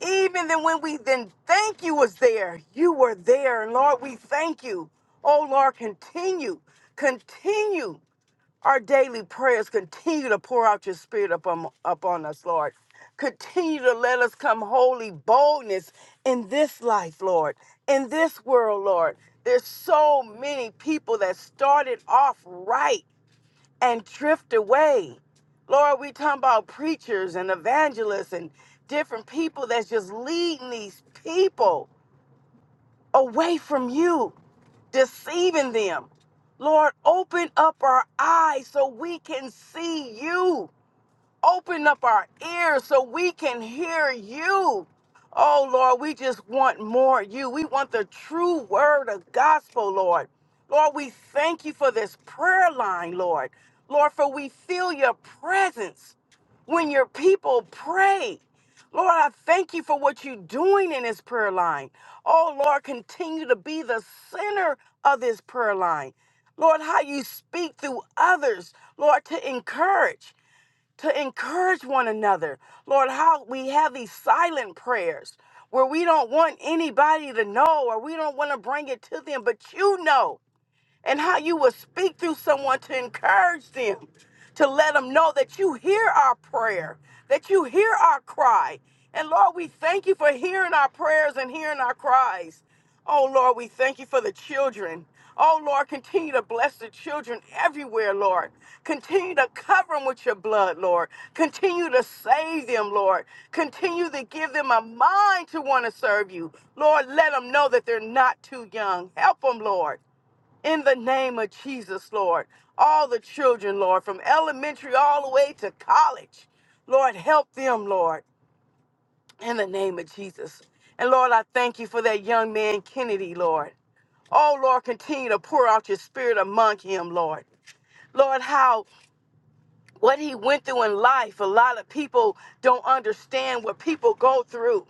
[SPEAKER 4] Even then when we then thank you was there, you were there. Lord, we thank you. Oh Lord, continue, continue our daily prayers. Continue to pour out your spirit upon, upon us, Lord. Continue to let us come holy boldness in this life, Lord, in this world, Lord. There's so many people that started off right and drift away. Lord, we talking about preachers and evangelists and different people that's just leading these people away from you, deceiving them. Lord, open up our eyes so we can see you. Open up our ears so we can hear you. Oh, Lord, we just want more of you. We want the true word of gospel, Lord. Lord, we thank you for this prayer line, Lord. Lord, for we feel your presence when your people pray. Lord, I thank you for what you're doing in this prayer line. Oh, Lord, continue to be the center of this prayer line. Lord, how you speak through others, Lord, to encourage to encourage one another. Lord, how we have these silent prayers where we don't want anybody to know or we don't want to bring it to them, but you know and how you will speak through someone to encourage them, to let them know that you hear our prayer, that you hear our cry. And Lord, we thank you for hearing our prayers and hearing our cries. Oh Lord, we thank you for the children. Oh Lord, continue to bless the children everywhere, Lord. Continue to cover them with your blood, Lord. Continue to save them, Lord. Continue to give them a mind to want to serve you. Lord, let them know that they're not too young. Help them, Lord in the name of Jesus, Lord. All the children, Lord, from elementary all the way to college, Lord, help them, Lord, in the name of Jesus. And Lord, I thank you for that young man, Kennedy, Lord. Oh, Lord, continue to pour out your spirit among him, Lord. Lord, how what he went through in life, a lot of people don't understand what people go through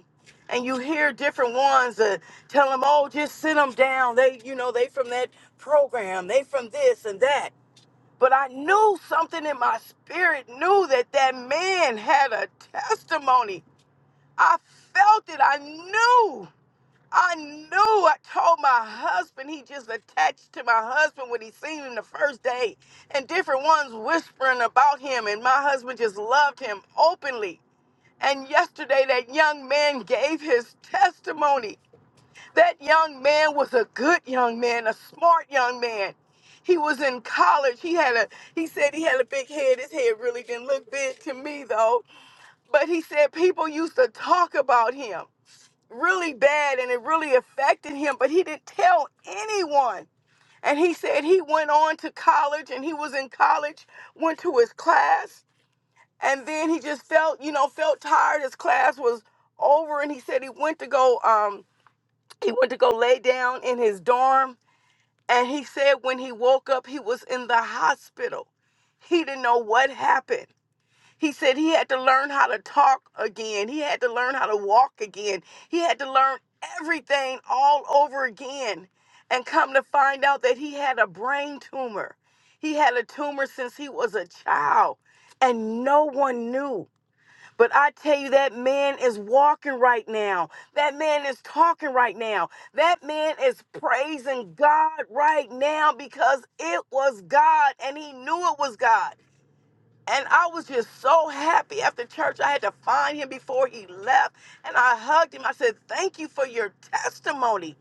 [SPEAKER 4] and you hear different ones that tell them, "Oh, just sit them down." They, you know, they from that program, they from this and that. But I knew something in my spirit knew that that man had a testimony. I felt it. I knew. I knew. I told my husband. He just attached to my husband when he seen him the first day, and different ones whispering about him. And my husband just loved him openly. And yesterday, that young man gave his testimony. That young man was a good young man, a smart young man. He was in college. He had a he said he had a big head. His head really didn't look big to me though. But he said people used to talk about him really bad and it really affected him, but he didn't tell anyone. And he said he went on to college and he was in college, went to his class, and then he just felt, you know, felt tired. His class was over and he said he went to go um he went to go lay down in his dorm, and he said when he woke up, he was in the hospital. He didn't know what happened. He said he had to learn how to talk again. He had to learn how to walk again. He had to learn everything all over again and come to find out that he had a brain tumor. He had a tumor since he was a child and no one knew. But I tell you, that man is walking right now. That man is talking right now. That man is praising God right now because it was God and he knew it was God. And I was just so happy after church. I had to find him before he left and I hugged him. I said, Thank you for your testimony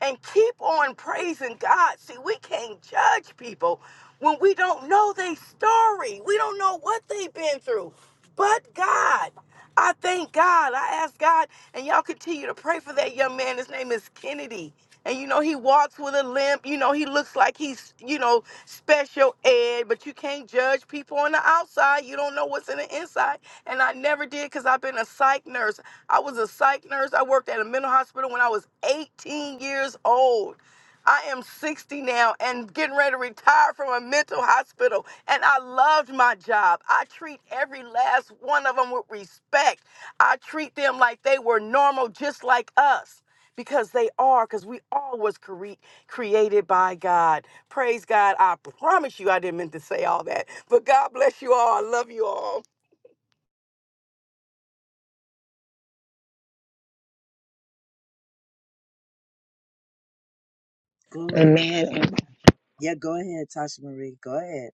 [SPEAKER 4] and keep on praising God. See, we can't judge people when we don't know their story. We don't know what they've been through. But God, I thank God. I ask God, and y'all continue to pray for that young man. His name is Kennedy. And you know, he walks with a limp. You know, he looks like he's, you know, special ed, say, but you can't judge people on the outside. You don't know what's in the inside. And I never did because I've been a psych nurse. I was a psych nurse. I worked at a mental hospital when I was 18 years old. I am 60 now and getting ready to retire from a mental hospital. And I loved my job. I treat every last one of them with respect. I treat them like they were normal, just like us because they are because we all was cre- created by god praise god i promise you i didn't mean to say all that but god bless you all i love you all
[SPEAKER 2] Glory to God.
[SPEAKER 5] Amen. And
[SPEAKER 2] Yeah, go ahead, Tasha Marie. Go ahead.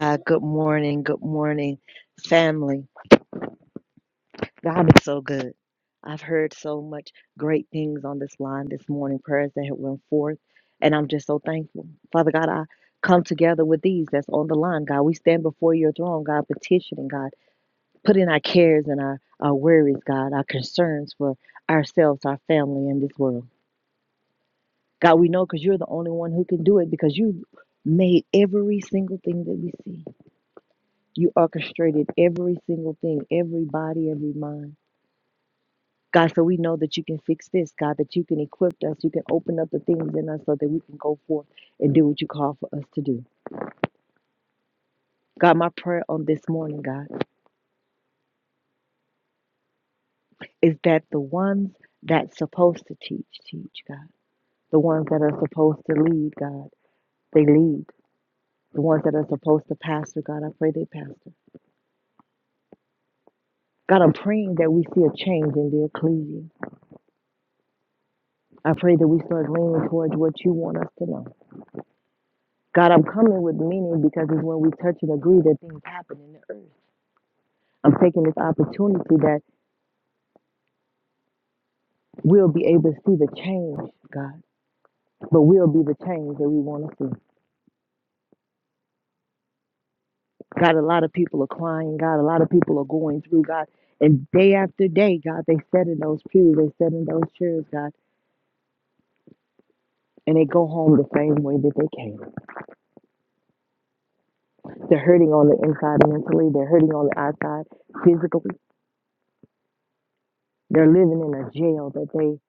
[SPEAKER 5] uh, good morning. Good morning, family. God is so good. I've heard so much great things on this line this morning, prayers that have went forth, and I'm just so thankful. Father God, I come together with these that's on the line, God. We stand before your throne, God, petitioning, God, putting our cares and our, our worries, God, our concerns for ourselves, our family, and this world. God, we know because you're the only one who can do it because you made every single thing that we see. You orchestrated every single thing, every body, every mind. God, so we know that you can fix this, God, that you can equip us, you can open up the things in us so that we can go forth and do what you call for us to do. God, my prayer on this morning, God, is that the ones that's supposed to teach, teach, God. The ones that are supposed to lead, God, they lead. The ones that are supposed to pastor, God, I pray they pastor. God, I'm praying that we see a change in the ecclesia. I pray that we start leaning towards what you want us to know. God, I'm coming with meaning because it's when we touch and agree that things happen in the earth. I'm taking this opportunity that we'll be able to see the change, God, but we'll be the change that we want to see. God, a lot of people are crying, God, a lot of people are going through, God, and day after day, God, they sit in those pews, they sit in those chairs, God, and they go home the same way that they came. They're hurting on the inside mentally, they're hurting on the outside physically, they're living in a jail that they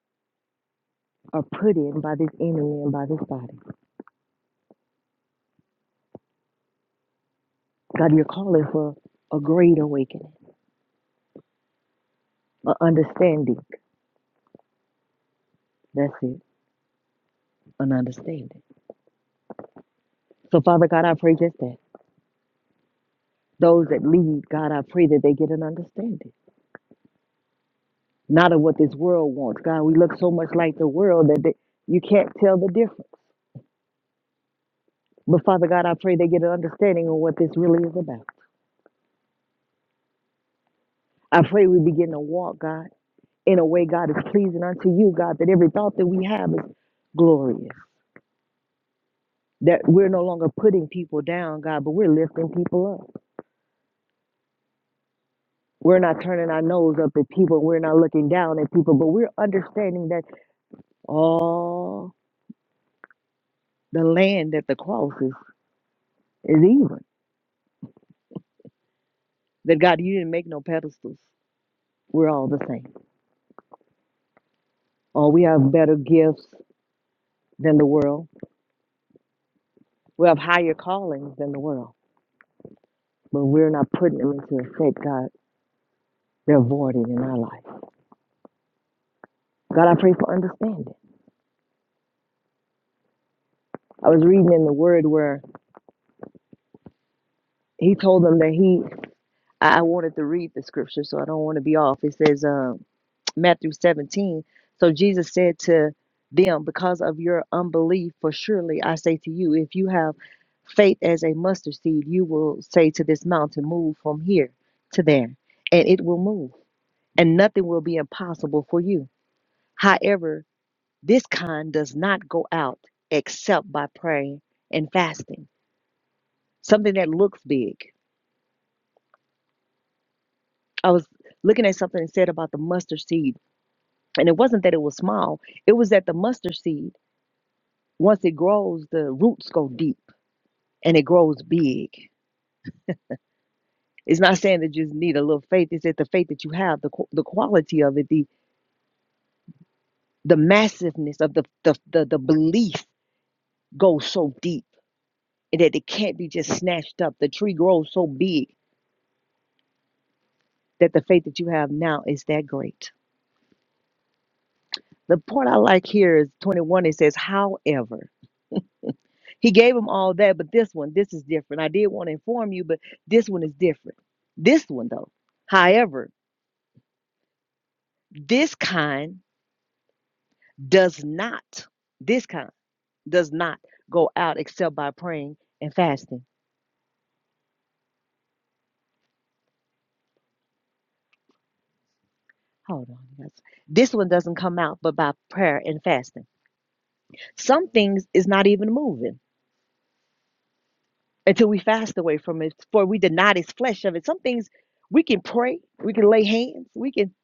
[SPEAKER 5] are put in by this enemy and by this body. God, you're calling for a great awakening, an understanding. That's it, an understanding. So, Father God, I pray just that. Those that lead, God, I pray that they get an understanding, not of what this world wants. God, we look so much like the world that they, you can't tell the difference. But, Father God, I pray they get an understanding of what this really is about. I pray we begin to walk, God, in a way, God, is pleasing unto you, God, that every thought that we have is glorious. That we're no longer putting people down, God, but we're lifting people up. We're not turning our nose up at people. We're not looking down at people, but we're understanding that all the land at the cross is, is even. That God, you didn't make no pedestals. We're all the same. Or we have better gifts than the world. We have higher callings than the world, but we're not putting them into effect, God. They're voided in our life. God, I pray for understanding. I was reading in the Word where He told them that He. I I wanted to read the scripture, so I don't want to be off. It says, um. Matthew 17. So Jesus said to them, Because of your unbelief, for surely I say to you, if you have faith as a mustard seed, you will say to this mountain, Move from here to there, and it will move, and nothing will be impossible for you. However, this kind does not go out except by praying and fasting, something that looks big. I was looking at something that said about the mustard seed, and it wasn't that it was small, it was that the mustard seed. Once it grows, the roots go deep and it grows big. It's not saying that you just need a little faith. It's that the faith that you have, the qu- the quality of it, the the massiveness of the the the, the belief goes so deep and that it can't be just snatched up. The tree grows so big that the faith that you have now is that great. The part I like here is 21. It says, however, he gave him all that, but this one, this is different. I did want to inform you, but this one is different. This one though, however, this kind. does not, this kind does not go out except by praying and fasting. Hold on. that's- This one doesn't come out but by prayer and fasting. Some things is not even moving until we fast away from it, for we deny this flesh of it. Some things we can pray, we can lay hands, we can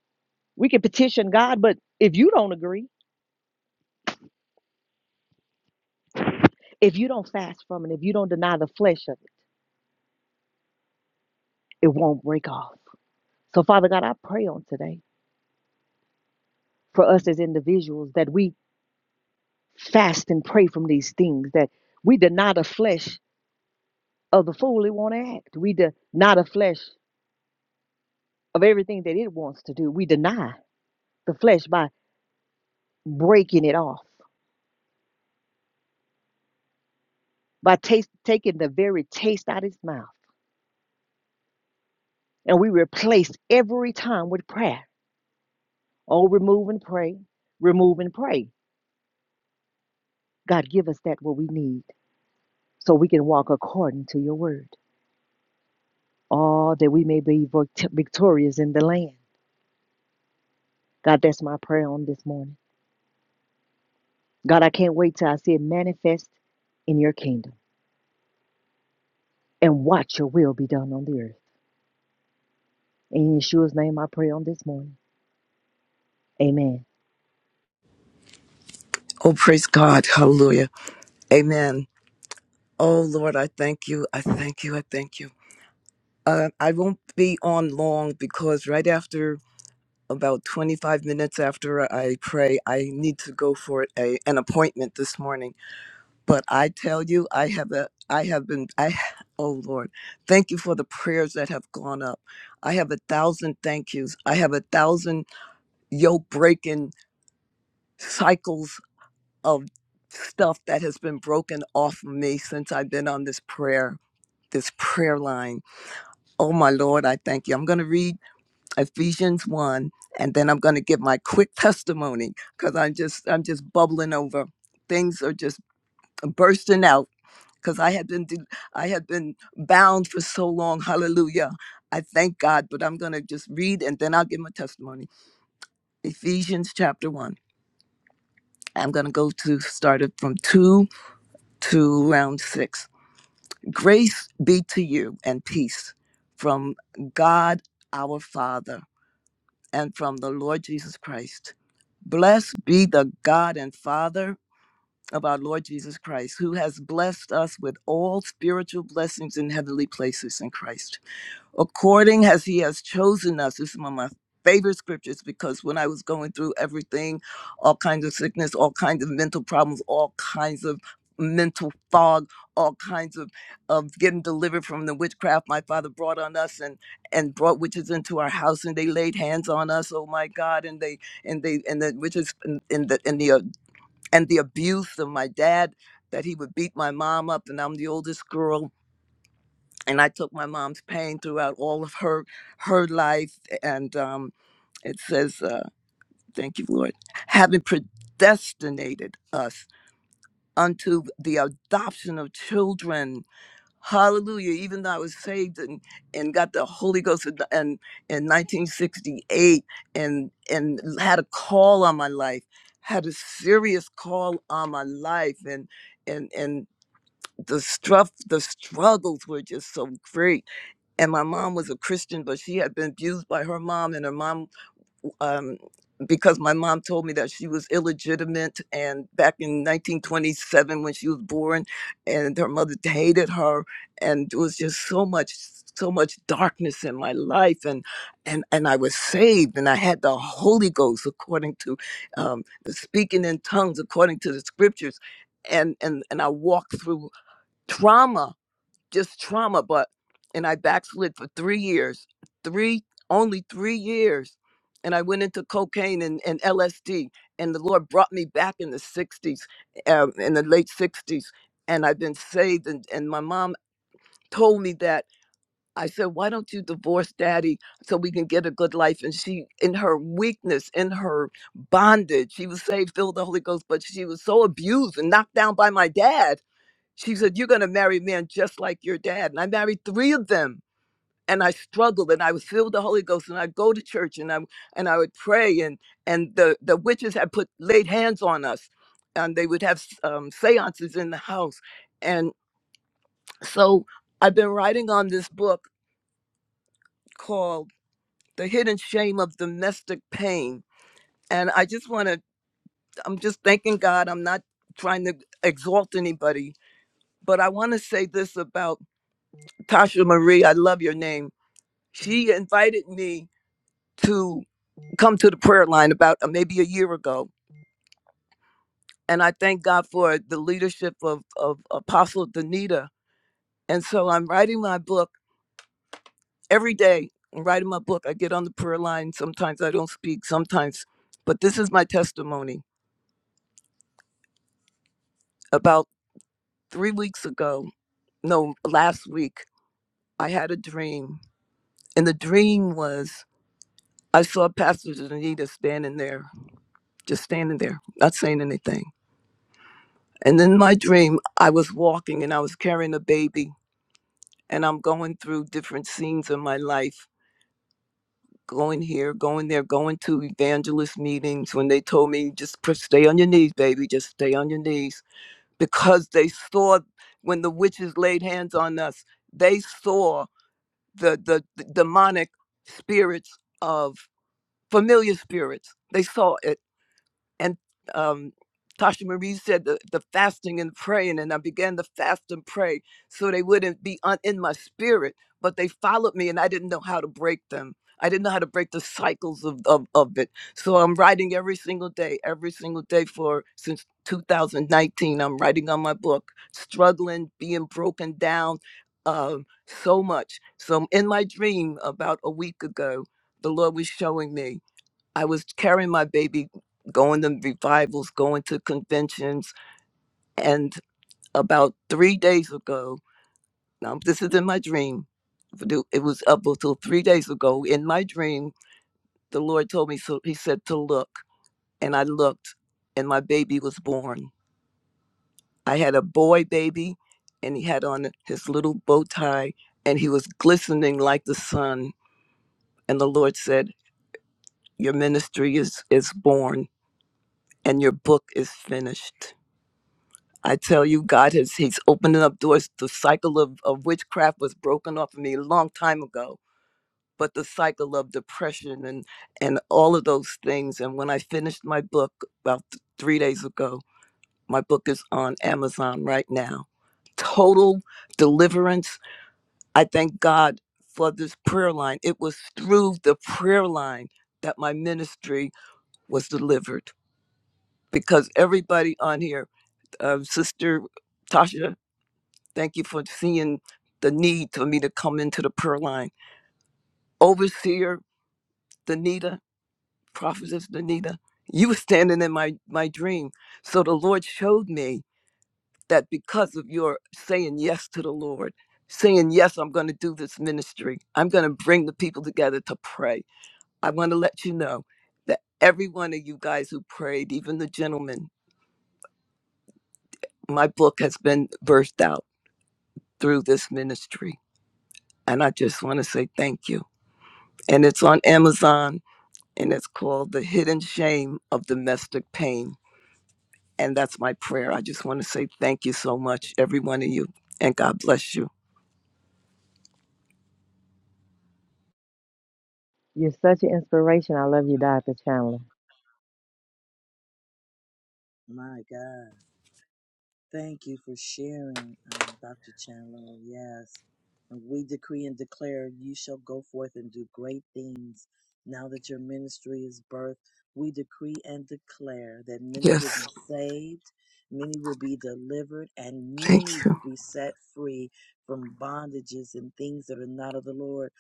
[SPEAKER 5] we can petition God, but if you don't agree, if you don't fast from it, if you don't deny the flesh of it, it won't break off. So Father God, I pray on today for us as individuals that we fast and pray from these things that we deny the flesh of the fool it want to act we deny the flesh of everything that it wants to do we deny the flesh by breaking it off by taste, taking the very taste out of its mouth and we replace every time with prayer oh remove and pray remove and pray god give us that what we need so we can walk according to your word oh that we may be victorious in the land god that's my prayer on this morning God, I can't wait till I see it manifest in your kingdom and watch your will be done on the earth. In Yeshua's name, I pray on this morning. Amen.
[SPEAKER 6] Oh, praise God. Hallelujah. Amen. Oh, Lord, I thank you. I thank you. I thank you. Uh, I won't be on long because right after about 25 minutes after I pray, I need to go for a, an appointment this morning. But I tell you, I have a, I have been, I, oh Lord, thank you for the prayers that have gone up. I have a thousand thank yous. I have a thousand yoke breaking cycles of stuff that has been broken off of me since I've been on this prayer, this prayer line. Oh my Lord, I thank you. I'm going to read Ephesians 1 and then I'm going to give my quick testimony cuz I'm just I'm just bubbling over. Things are just bursting out cuz I had been de- I had been bound for so long. Hallelujah. I thank God, but I'm going to just read and then I'll give my testimony. Ephesians chapter 1. I'm going to go to start it from 2 to round 6. Grace be to you and peace from God our Father and from the Lord Jesus Christ. Blessed be the God and Father of our Lord Jesus Christ, who has blessed us with all spiritual blessings in heavenly places in Christ according as he has chosen us. This is one of my favorite scriptures because when I was going through everything, all kinds of sickness, all kinds of mental problems, all kinds of mental fog, all kinds of of getting delivered from the witchcraft my father brought on us and and brought witches into our house and they laid hands on us. Oh my God! And they and they and the witches and, and the and the uh, and the abuse of my dad that he would beat my mom up and I'm the oldest girl and I took my mom's pain throughout all of her her life. And um, it says, uh, "Thank you, Lord, having predestinated us unto the adoption of children." Hallelujah! Even though I was saved and, and got the Holy Ghost in, in in 1968, and and had a call on my life, had a serious call on my life, and and and the struff the struggles were just so great and my mom was a Christian, but she had been abused by her mom, and her mom, um, because my mom told me that she was illegitimate, and back in 1927 when she was born, and her mother hated her, and it was just so much, so much darkness in my life, and and and I was saved, and I had the Holy Ghost according to um, the speaking in tongues according to the scriptures, and and and I walked through trauma just trauma, but and I backslid for three years, three only three years, and I went into cocaine and, and LSD, and the Lord brought me back in the '60s, um, in the late '60s, and I've been saved. And, and my mom told me that I said, "Why don't you divorce Daddy so we can get a good life?" And she, in her weakness, in her bondage, she was saved, filled with the Holy Ghost, but she was so abused and knocked down by my dad she said, You're going to marry men just like your dad. And I married three of them. And I struggled and I was filled with the Holy Ghost and I'd go to church and I and I would pray and and the, the witches had put laid hands on us and they would have um, seances in the house. And so I've been writing on this book called The Hidden Shame of Domestic Pain. And I just want to, I'm just thanking God. I'm not trying to exalt anybody, but I want to say this about Tasha Marie. I love your name she invited me to come to the prayer line about uh, maybe a year ago. And I thank God for the leadership of, of Apostle Danita. And so I'm writing my book every day. I'm writing my book. I get on the prayer line. Sometimes I don't speak, sometimes. But this is my testimony. About three weeks ago, no, last week, I had a dream. And the dream was I saw Pastor Danita standing there, just standing there, not saying anything. And in my dream, I was walking and I was carrying a baby, and I'm going through different scenes in my life, going here, going there, going to evangelist meetings when they told me, just pr- stay on your knees, baby, just stay on your knees. Because they saw when the witches laid hands on us, they saw the, the, the demonic spirits of familiar spirits. They saw it and um, Tasha Marie said the, the fasting and praying, and I began to fast and pray so they wouldn't be un- in my spirit, but they followed me, and I didn't know how to break them. I didn't know how to break the cycles of, of, of it. So I'm writing every single day, every single day for since 2019. I'm writing on my book, struggling, being broken down um, so much. So in my dream about a week ago, the Lord was showing me. I was carrying my baby, going to revivals, going to conventions. And about three days ago, now this is in my dream. It was up until three days ago. In my dream, the Lord told me, so He said to look. And I looked, and my baby was born. I had a boy baby, and he had on his little bow tie, and he was glistening like the sun. And the Lord said, Your ministry is, is born, and your book is finished I tell you, God has He's opening up doors. The cycle of, of witchcraft was broken off of me a long time ago. But the cycle of depression and and all of those things. And when I finished my book about th- three days ago, my book is on Amazon right now. Total deliverance. I thank God for this prayer line. It was through the prayer line that my ministry was delivered because everybody on here, uh, Sister Tasha Thank you for seeing the need for me to come into the prayer line. Overseer Danita, Prophetess Danita, you were standing in my, my dream. So the Lord showed me that because of your saying yes to the Lord, saying, Yes, I'm going to do this ministry, I'm going to bring the people together to pray. I want to let you know that every one of you guys who prayed, even the gentlemen, my book has been birthed out through this ministry. And I just want to say thank you. and it's on Amazon and it's called The Hidden Shame of Domestic Pain. And that's my prayer. I just want to say thank you so much, every one of you, and God bless you.
[SPEAKER 5] You're such an inspiration. I love you, Dr. Chandler.
[SPEAKER 2] My God. Thank you for sharing, um, Dr. Chandler. Yes. And we decree and declare you shall go forth and do great things now that your ministry is birthed. We decree and declare that many will
[SPEAKER 6] Yes,
[SPEAKER 2] be saved, many will be delivered, and
[SPEAKER 6] thank
[SPEAKER 2] many will
[SPEAKER 6] you.
[SPEAKER 2] be set free from bondages and things that are not of the Lord.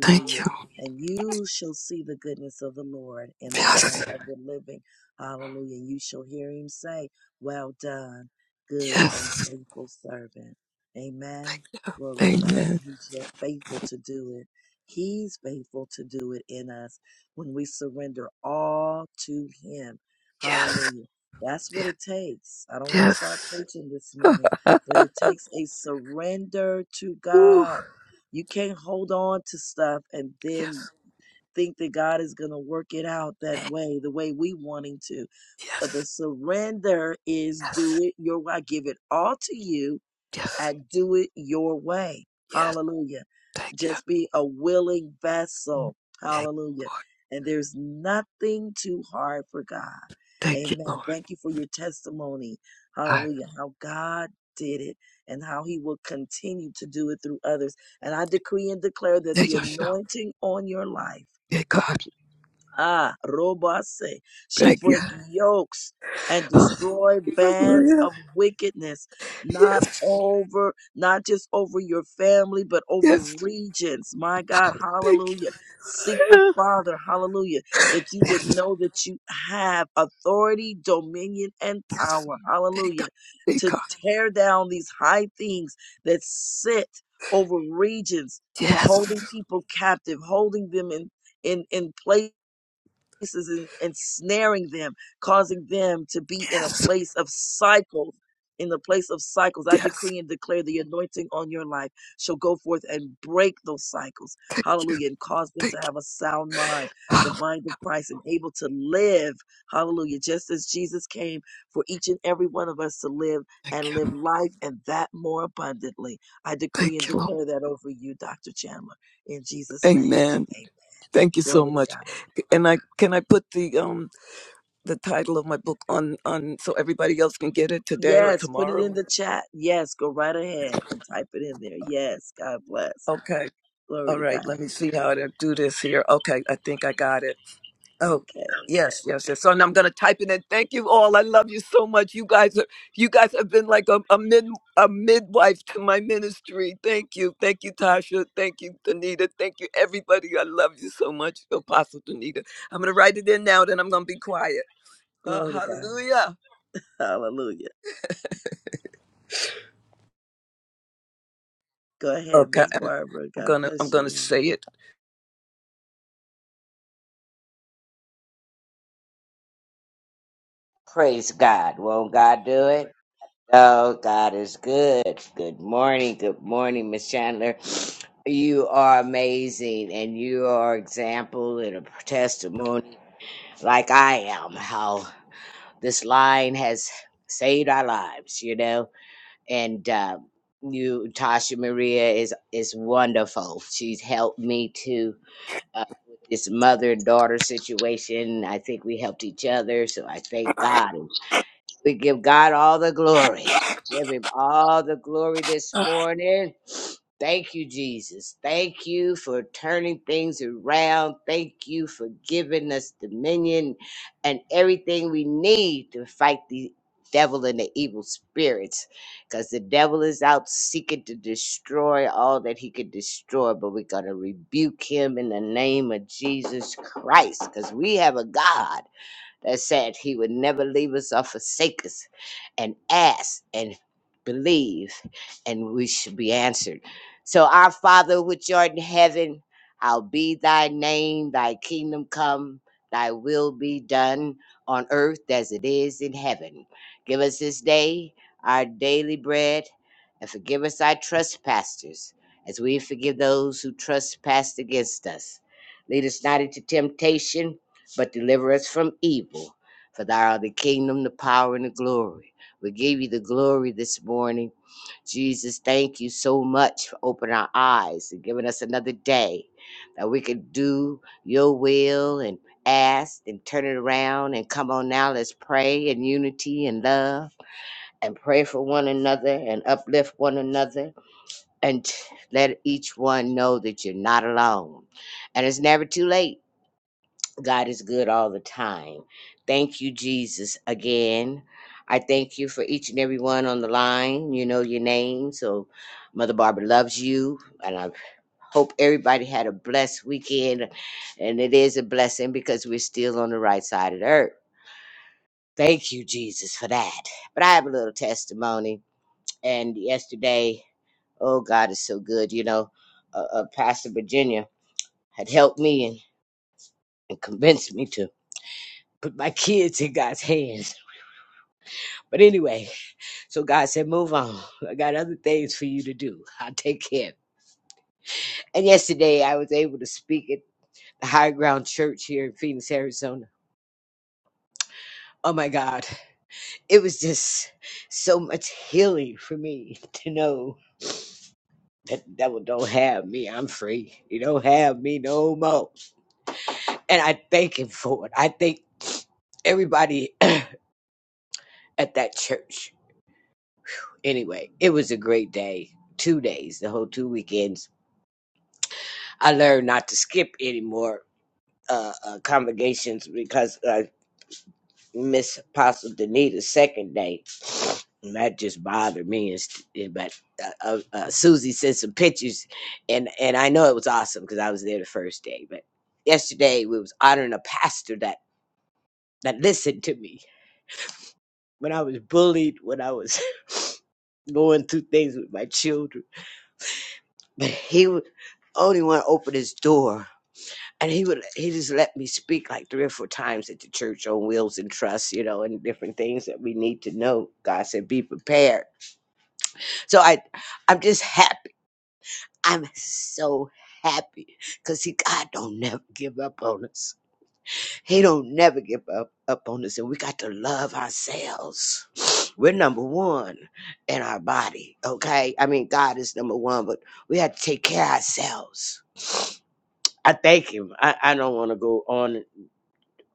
[SPEAKER 6] Thank you.
[SPEAKER 2] And you shall see the goodness of the Lord in the land
[SPEAKER 6] Yes,
[SPEAKER 2] of the living. Hallelujah. You shall hear him say, Well done good and
[SPEAKER 6] yes,
[SPEAKER 2] faithful servant. Amen. Glory to God.
[SPEAKER 6] amen.
[SPEAKER 2] He's yet faithful to do it. He's faithful to do it in us when we surrender all to Him.
[SPEAKER 6] Yes,
[SPEAKER 2] Hallelujah. That's what
[SPEAKER 6] yes,
[SPEAKER 2] it takes. I don't want to start
[SPEAKER 6] yes.
[SPEAKER 2] preaching this morning, but it takes a surrender to
[SPEAKER 6] *laughs* Ooh,
[SPEAKER 2] God. You can't hold on to stuff and then
[SPEAKER 6] yes,
[SPEAKER 2] think that God is going to work it out that
[SPEAKER 6] eh,
[SPEAKER 2] way, the way we want Him to of The
[SPEAKER 6] yes,
[SPEAKER 2] surrender is do
[SPEAKER 6] yes,
[SPEAKER 2] it your way. I give it all to you
[SPEAKER 6] yes,
[SPEAKER 2] and do it your way.
[SPEAKER 6] yes.
[SPEAKER 2] Hallelujah.
[SPEAKER 6] Thank you.
[SPEAKER 2] Just be a willing vessel.
[SPEAKER 6] Thank you,
[SPEAKER 2] Hallelujah.
[SPEAKER 6] Lord.
[SPEAKER 2] And there's nothing too hard for God.
[SPEAKER 6] Thank you,
[SPEAKER 2] Amen.
[SPEAKER 6] Lord.
[SPEAKER 2] Thank you for your testimony.
[SPEAKER 6] I
[SPEAKER 2] Hallelujah. How God did it and how he will continue to do it through others. And I decree and declare that
[SPEAKER 6] thank
[SPEAKER 2] the
[SPEAKER 6] you, Shem.
[SPEAKER 2] anointing on your life
[SPEAKER 6] Thank God.
[SPEAKER 2] Ah, Robase shall
[SPEAKER 6] Thank you.
[SPEAKER 2] break yokes and
[SPEAKER 6] *laughs*
[SPEAKER 2] destroy bands
[SPEAKER 6] Hallelujah.
[SPEAKER 2] of wickedness, not
[SPEAKER 6] Yes.
[SPEAKER 2] over, not just over your family, but over
[SPEAKER 6] Yes,
[SPEAKER 2] regions. My God,
[SPEAKER 6] thank
[SPEAKER 2] hallelujah. Seek the
[SPEAKER 6] you.
[SPEAKER 2] Father, hallelujah, that you would
[SPEAKER 6] Yes,
[SPEAKER 2] know that you have authority, dominion, and
[SPEAKER 6] yes,
[SPEAKER 2] power,
[SPEAKER 6] thank God,
[SPEAKER 2] hallelujah,
[SPEAKER 6] thank
[SPEAKER 2] to
[SPEAKER 6] God.
[SPEAKER 2] tear down these high things that sit over regions,
[SPEAKER 6] Yes,
[SPEAKER 2] holding people captive, holding them in in in place places and ensnaring them, causing them to be in a
[SPEAKER 6] yes,
[SPEAKER 2] place of cycles. In the place of cycles, I
[SPEAKER 6] yes.
[SPEAKER 2] decree and declare the anointing on your life shall go forth and break those cycles.
[SPEAKER 6] Thank you,
[SPEAKER 2] Hallelujah. And cause them
[SPEAKER 6] thank
[SPEAKER 2] to
[SPEAKER 6] you,
[SPEAKER 2] have a sound mind, the
[SPEAKER 6] Oh,
[SPEAKER 2] mind of Christ, and able to live. Hallelujah. Just as Jesus came for each and every one of us to live
[SPEAKER 6] thank
[SPEAKER 2] and live
[SPEAKER 6] you,
[SPEAKER 2] life and that more abundantly. I decree and
[SPEAKER 6] thank you, Lord.
[SPEAKER 2] declare that over you, Dr. Chandler, in Jesus' name.
[SPEAKER 6] Amen.
[SPEAKER 2] Amen.
[SPEAKER 6] Thank you so
[SPEAKER 2] Glory to God.
[SPEAKER 6] much. And I can I put the um the title of my book on on so everybody else can get it today or
[SPEAKER 2] Yes, put it
[SPEAKER 6] tomorrow.
[SPEAKER 2] in the chat. Yes, go right ahead and type it in there. Yes, God bless.
[SPEAKER 6] Okay.
[SPEAKER 2] Glory
[SPEAKER 6] All
[SPEAKER 2] to
[SPEAKER 6] right.
[SPEAKER 2] God.
[SPEAKER 6] Let me see how to do this here. Okay. I think I got it. Oh,
[SPEAKER 2] Okay.
[SPEAKER 6] yes, yes, yes. So and I'm gonna type it in. Thank you all. I love you so much. You guys are you guys have been like a, a mid a midwife to my ministry. Thank you. Thank you, Tasha. Thank you, Danita. Thank you, everybody. I love you so much, Apostle Danita. I'm gonna write it in now, then I'm gonna be quiet. Uh,
[SPEAKER 2] Glory to God.
[SPEAKER 6] hallelujah.
[SPEAKER 2] *laughs* Hallelujah. Go ahead,
[SPEAKER 6] Okay,
[SPEAKER 2] Miss
[SPEAKER 6] I'm
[SPEAKER 2] Barbara.
[SPEAKER 6] I'm
[SPEAKER 2] God
[SPEAKER 6] gonna I'm
[SPEAKER 2] bless
[SPEAKER 6] gonna
[SPEAKER 2] you
[SPEAKER 6] say
[SPEAKER 2] all.
[SPEAKER 6] it.
[SPEAKER 7] Praise God. Won't God do it? Oh, God is good. Good morning. Good morning, Miss Chandler. You are amazing and you are example and a testimony like I am, how this line has saved our lives, you know? And uh, you, Tasha Maria, is, is wonderful. She's helped me to uh, with this mother and daughter situation. I think we helped each other, so I thank God we give God all the glory. Give him all the glory this morning. Thank you, Jesus. Thank you for turning things around. Thank you for giving us dominion and everything we need to fight the devil and the evil spirits. Because the devil is out seeking to destroy all that he could destroy, but we're going to rebuke him in the name of Jesus Christ. Because we have a God that said he would never leave us or forsake us, and ask and believe, and we should be answered. So, our Father, which art in heaven, hallowed be thy name, thy kingdom come, thy will be done on earth as it is in heaven. Give us this day our daily bread, and forgive us our trespasses, as we forgive those who trespass against us. Lead us not into temptation but deliver us from evil. For thou art the kingdom, the power, and the glory. We give you the glory this morning. Jesus, thank you so much for opening our eyes and giving us another day that we could do your will and ask and turn it around and come on now. Let's pray in unity and love and pray for one another and uplift one another and t- let each one know that you're not alone. And it's never too late God is good all the time. Thank you, Jesus, again. I thank you for each and every one on the line. You know your name. So, Mother Barbara loves you. And I hope everybody had a blessed weekend. And it is a blessing because we're still on the right side of the earth. Thank you, Jesus, for that. But I have a little testimony. And yesterday, oh, God is so good. You know, uh, uh, Pastor Virginia had helped me and, and convinced me to put my kids in God's hands But anyway, so God said, move on. I got other things for you to do. I'll take care. of it." And yesterday I was able to speak at the High Ground Church here in Phoenix, Arizona. Oh my God. It was just so much healing for me *laughs* to know that the devil don't have me. I'm free. He don't have me no more. And I thank him for it. I thank everybody *clears throat* at that church. Anyway, it was a great day. Two days, the whole two weekends. I learned not to skip anymore uh, uh, congregations because I Miss Apostle Danita's second day, and that just bothered me. And st- eh, but uh, uh, uh, Susie sent some pictures, and and I know it was awesome because I was there the first day. But yesterday we was honoring a pastor that that listened to me when I was bullied, when I was *laughs* *sniffs* going through things with my children. *laughs* But he was only one to open his door and he would he just let me speak like three or four times at the church on wheels and trust you know and different things that we need to know god said be prepared so i i'm just happy i'm so happy because he god don't never give up on us he don't never give up up on us and we got to love ourselves *sniffs* we're number one in our body okay i mean god is number one but we have to take care of ourselves *sniffs* i thank him i, I don't want to go on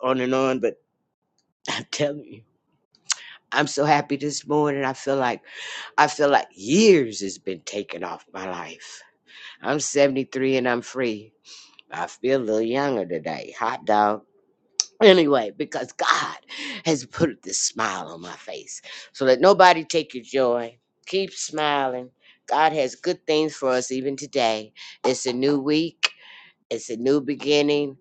[SPEAKER 7] on and on, but I'm telling you. I'm so happy this morning. I feel like I feel like years has been taken off my life. I'm 73 and I'm free. I feel a little younger today. Hot dog. Anyway, because God has put this smile on my face. So let nobody take your joy. Keep smiling. God has good things for us even today. It's a new week. It's a new beginning.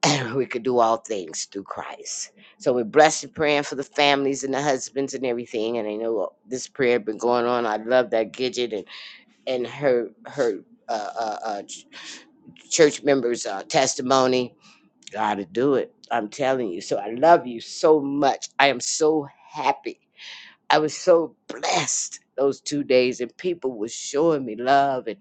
[SPEAKER 7] *clears throat* And we could do all things through Christ. So we're blessed and praying for the families and the husbands and everything. And I know this prayer been going on. I love that Gidget and and her her uh, uh, uh, ch- church members' uh, testimony. Gotta do it. I'm telling you. So I love you so much. I am so happy I was so blessed those two days, and people was showing me love, and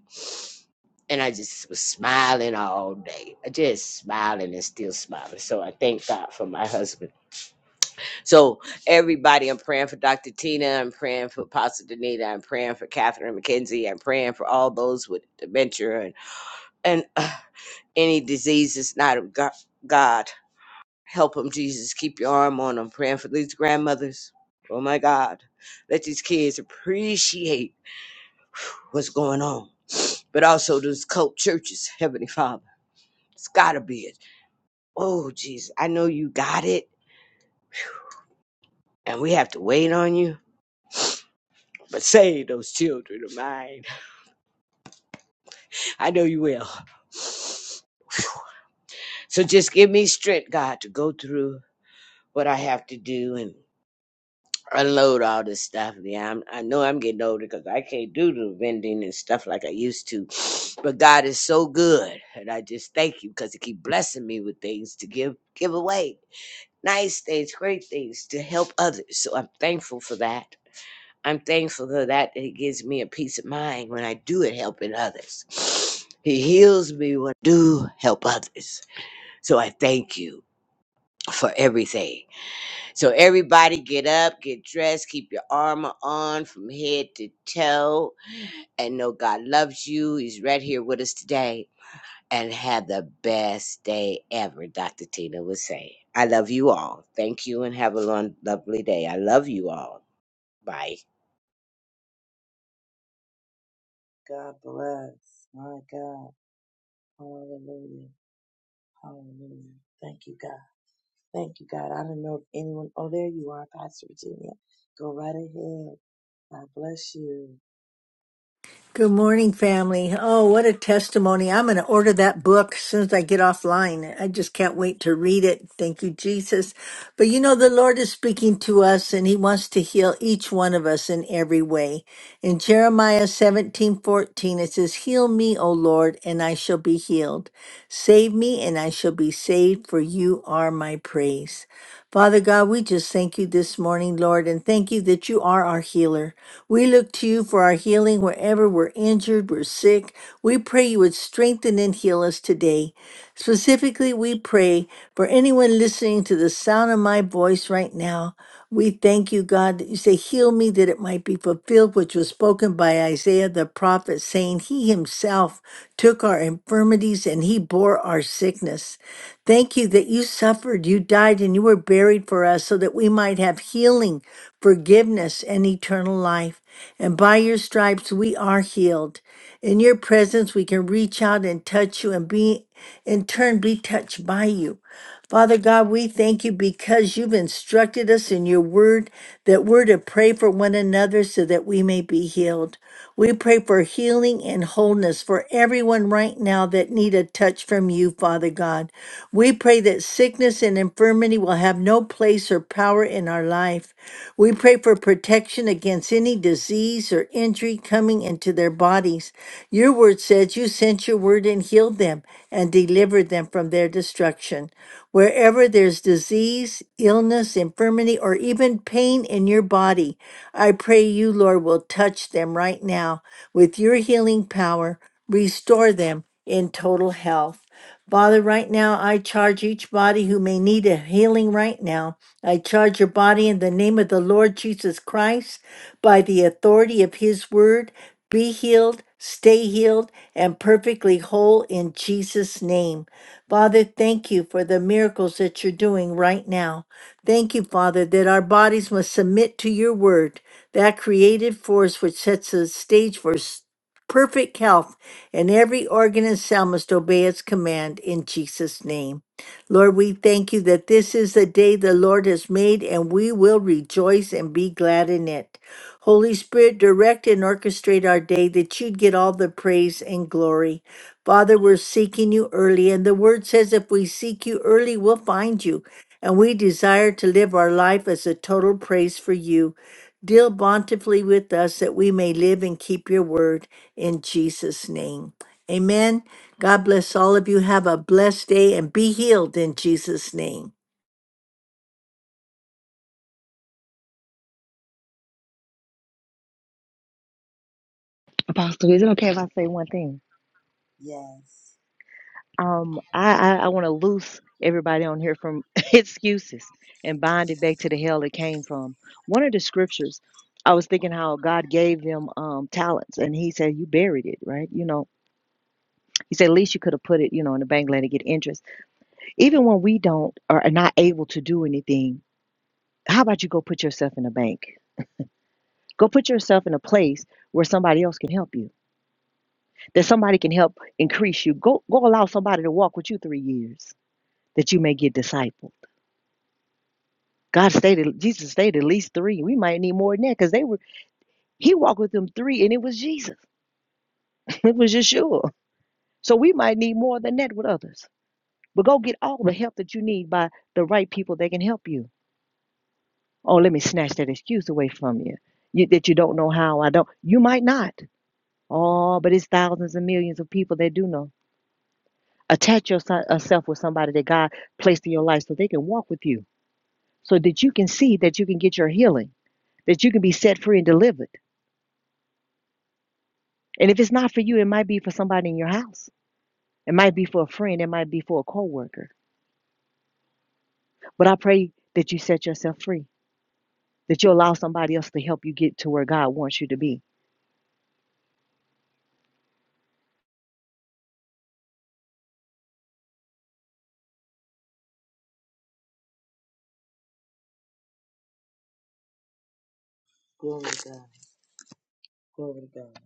[SPEAKER 7] and I just was smiling all day, I just smiling and still smiling. So I thank God for my husband. So everybody, I'm praying for Dr. Tina, I'm praying for Pastor Danita, I'm praying for Catherine McKenzie, I'm praying for all those with dementia and and uh, any diseases not of Go- God. Help them, Jesus. Keep your arm on them. Praying for these grandmothers. Oh my God. Let these kids appreciate what's going on. But also those cult churches, Heavenly Father. It's gotta be it. Oh Jesus, I know you got it, and we have to wait on you. But save those children of mine. I know you will. So just give me strength, God, to go through what I have to do and. unload all this stuff. Yeah, I'm, I know I'm getting older because I can't do the vending and stuff like I used to. *sniffs* But God is so good, and I just thank you because He keep blessing me with things to give give away, nice things, great things to help others. So I'm thankful for that. I'm thankful for that. It gives me a peace of mind when I do it helping others. He heals me when I do help others. So I thank you for everything. So everybody get up, get dressed, keep your armor on from head to toe, and know God loves you. He's right here with us today. And have the best day ever, Dr. Tina was saying. I love you all. Thank you and have a lon- lovely day. I love you all. Bye.
[SPEAKER 2] God bless. My God. Hallelujah. Hallelujah. Thank you, God. Thank you, God. I don't know if anyone. Oh, there you are, Pastor Virginia. Go right ahead. God bless you.
[SPEAKER 8] Good morning, family. Oh, what a testimony. I'm going to order that book as soon as I get offline. I just can't wait to read it. Thank you, Jesus. But you know, the Lord is speaking to us and he wants to heal each one of us in every way. In Jeremiah 17:14, it says, Heal me, O Lord, and I shall be healed. Save me, and I shall be saved, for you are my praise. Father God, we just thank you this morning, Lord, and thank you that you are our healer. We look to you for our healing wherever we're injured, we're sick. We pray you would strengthen and heal us today. Specifically, we pray for anyone listening to the sound of my voice right now. We thank you, God, that you say, Heal me that it might be fulfilled, which was spoken by Isaiah the prophet, saying, He himself took our infirmities and he bore our sickness. Thank you that you suffered, you died, and you were buried for us so that we might have healing, forgiveness, and eternal life. And by your stripes, we are healed. In your presence, we can reach out and touch you and be, in turn, be touched by you. Father God, we thank you because you've instructed us in your word that we're to pray for one another so that we may be healed. We pray for healing and wholeness for everyone right now that need a touch from you, Father God. We pray that sickness and infirmity will have no place or power in our life. We pray for protection against any disease disease or injury coming into their bodies. Your word says you sent your word and healed them and delivered them from their destruction. Wherever there's disease, illness, infirmity, or even pain in your body, I pray you, Lord, will touch them right now with your healing power, restore them in total health. Father, right now I charge each body who may need a healing right now. I charge your body in the name of the Lord Jesus Christ by the authority of his word. Be healed, stay healed, and perfectly whole in Jesus' name. Father, thank you for the miracles that you're doing right now. Thank you, Father, that our bodies must submit to your word, that creative force which sets the stage for s- perfect health and every organ and cell must obey its command in Jesus' name. Lord, we thank you that this is the day the Lord has made, and we will rejoice and be glad in it. Holy Spirit, direct and orchestrate our day that you'd get all the praise and glory. Father, we're seeking you early, and the word says if we seek you early, we'll find you. And we desire to live our life as a total praise for you. Deal bountifully with us that we may live and keep your word in Jesus' name. Amen. God bless all of you. Have a blessed day and be healed in Jesus' name.
[SPEAKER 5] Apostle, is it okay if I say one thing?
[SPEAKER 2] Yes.
[SPEAKER 5] Um, I, I, I want to loose everybody on here from *laughs* excuses and bind it back to the hell it came from. One of the scriptures, I was thinking how God gave them um, talents, and He said, You buried it, right? You know, He said, At least you could have put it, you know, in the bank, let it get interest. Even when we don't or are not able to do anything, how about you go put yourself in a bank? Go put yourself in a place where somebody else can help you, that somebody can help increase you. Go go allow somebody to walk with you three years that you may get discipled. God stated, Jesus stated, at least three. We might need more than that because they were he walked with them three and it was Jesus. *laughs* It was Yeshua. So we might need more than that with others. But go get all the help that you need by the right people that can help you Oh, let me snatch that excuse away from you. you that you don't know how I don't. You might not. Oh, but it's thousands and millions of people that do know. Attach yourself with somebody that God placed in your life so they can walk with you, so that you can see that you can get your healing, that you can be set free and delivered. And if it's not for you, it might be for somebody in your house. It might be for a friend. It might be for a coworker. But I pray that you set yourself free, that you allow somebody else to help you get to where God wants you to be
[SPEAKER 2] Glory to God. Glory to God.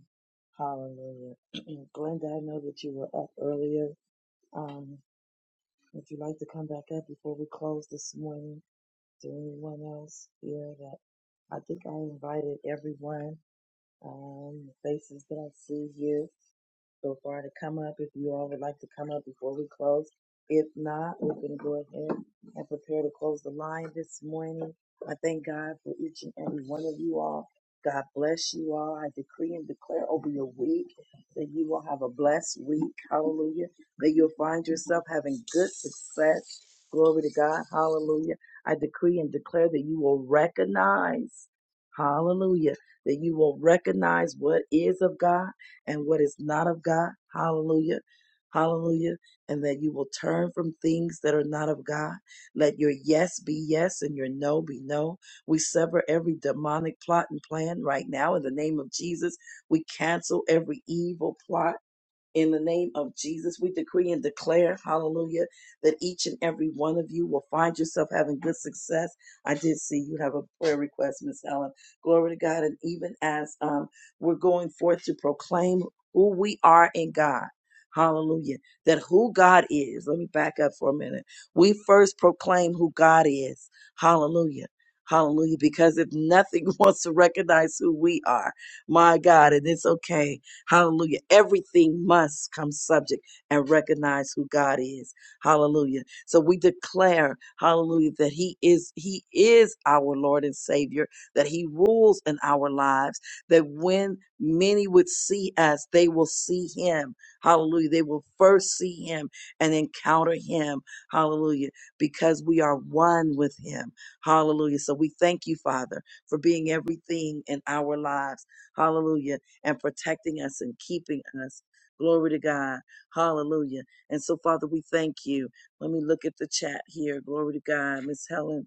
[SPEAKER 2] Hallelujah. *clears throat* Glenda, I know that you were up earlier Um, if you like to come back up before we close this morning, is there anyone else here that I think I invited everyone? Um, the faces that I see here so far to come up, if you all would like to come up before we close. If not, we can go ahead and prepare to close the line this morning. I thank God for each and every one of you all. God bless you all. I decree and declare over your week that you will have a blessed week. Hallelujah. That you'll find yourself having good success. Glory to God. Hallelujah. I decree and declare that you will recognize. Hallelujah that you will recognize what is of God and what is not of God. Hallelujah. Hallelujah. And that you will turn from things that are not of God. Let your yes be yes and your no be no. We sever every demonic plot and plan right now in the name of Jesus. We cancel every evil plot in the name of Jesus, we decree and declare, hallelujah, that each and every one of you will find yourself having good success. I did see you have a prayer request, Miss Helen. Glory to God. And even as um, we're going forth to proclaim who we are in God, hallelujah, that who God is, let me back up for a minute. We first proclaim who God is, hallelujah. Hallelujah. Because if nothing *laughs* wants to recognize who we are, my God, and it's okay Hallelujah. Everything must come subject and recognize who God is. Hallelujah. So we declare, hallelujah, that he is he is our Lord and Savior, that he rules in our lives, that when many would see us, they will see him. Hallelujah. They will first see him and encounter him. Hallelujah. Because we are one with him. Hallelujah. So we thank you, Father, for being everything in our lives. Hallelujah and protecting us and keeping us. Glory to God. Hallelujah. And so, Father, we thank you. Let me look at the chat here. Glory to God. Miss Helen.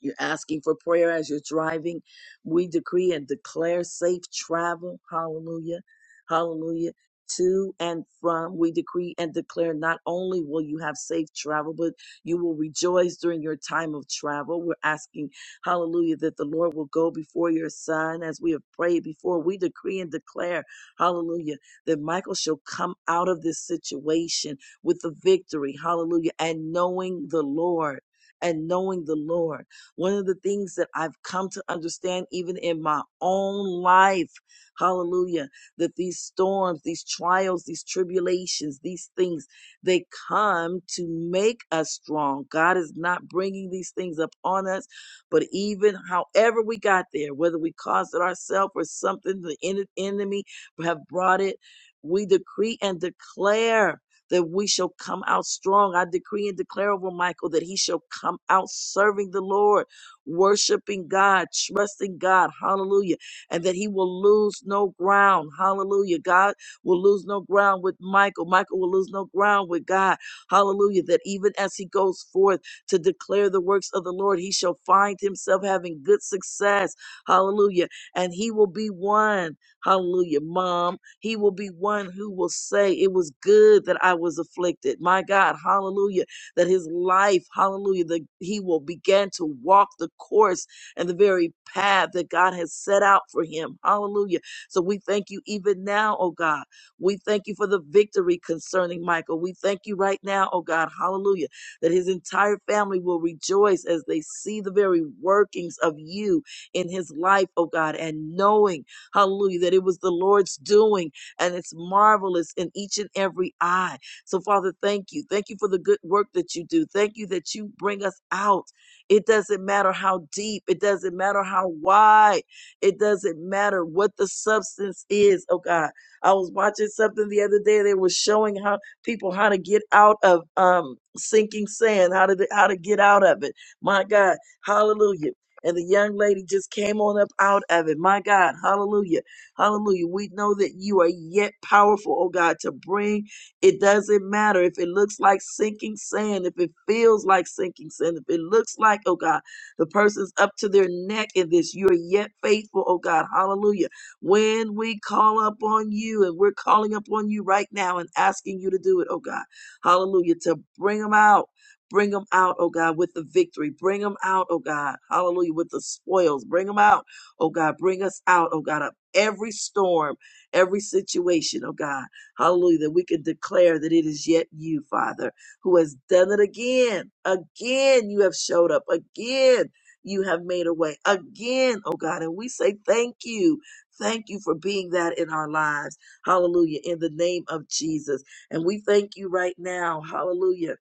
[SPEAKER 2] You're asking for prayer as you're driving. We decree and declare safe travel. Hallelujah. Hallelujah. To and from, we decree and declare not only will you have safe travel, but you will rejoice during your time of travel. We're asking, hallelujah, that the Lord will go before your son as we have prayed before. We decree and declare, hallelujah, that Michael shall come out of this situation with the victory, hallelujah, and knowing the Lord, and knowing the Lord. One of the things that I've come to understand, even in my own life, hallelujah, that these storms, these trials, these tribulations, these things, they come to make us strong. God is not bringing these things upon us, but even however we got there, whether we caused it ourselves or something, the en- enemy have brought it, we decree and declare that we shall come out strong. I decree and declare over Michael that he shall come out serving the Lord worshiping God, trusting God, hallelujah, and that he will lose no ground, hallelujah. God will lose no ground with Michael, Michael will lose no ground with God, hallelujah. That even as he goes forth to declare the works of the Lord, he shall find himself having good success, hallelujah, and he will be one, hallelujah, mom. He will be one who will say, It was good that I was afflicted, my God, hallelujah that his life, hallelujah, that he will begin to walk the course and the very path that God has set out for him. Hallelujah. So we thank you even now, oh God. We thank you for the victory concerning Michael. We thank you right now, oh God. Hallelujah. That his entire family will rejoice as they see the very workings of you in his life, oh God, and knowing, hallelujah, that it was the Lord's doing and it's marvelous in each and every eye. So, Father, thank you. Thank you for the good work that you do. Thank you that you bring us out. It doesn't matter how deep, it doesn't matter how wide, it doesn't matter what the substance is. Oh, God. I was watching something the other day. They were showing how people how to get out of um, sinking sand, how to how to get out of it. My God, Hallelujah! And the young lady just came on up out of it. My God, Hallelujah, Hallelujah! We know that you are yet powerful, oh God, to bring it doesn't matter if it looks like sinking sand, if it feels like sinking sand, if it looks like, oh God, the person's up to their neck in this. You're yet faithful, oh God. Hallelujah. When we call up on you, and we're calling up on you right now and asking you to do it, oh God. Hallelujah. To bring them out. Bring them out, oh God, with the victory. Bring them out, oh God. Hallelujah. With the spoils. Bring them out, oh God. Bring us out, oh God, of every storm, every situation, oh God. Hallelujah. That we can declare that it is yet you, Father, who has done it again. Again, you have showed up. Again, you have made a way. Again, oh God. And we say thank you. Thank you for being that in our lives. Hallelujah. In the name of Jesus. And we thank you right now. Hallelujah.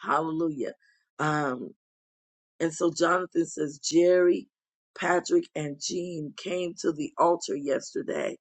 [SPEAKER 2] Hallelujah. Um, and so Jonathan says, Jerry, Patrick, and Jean came to the altar yesterday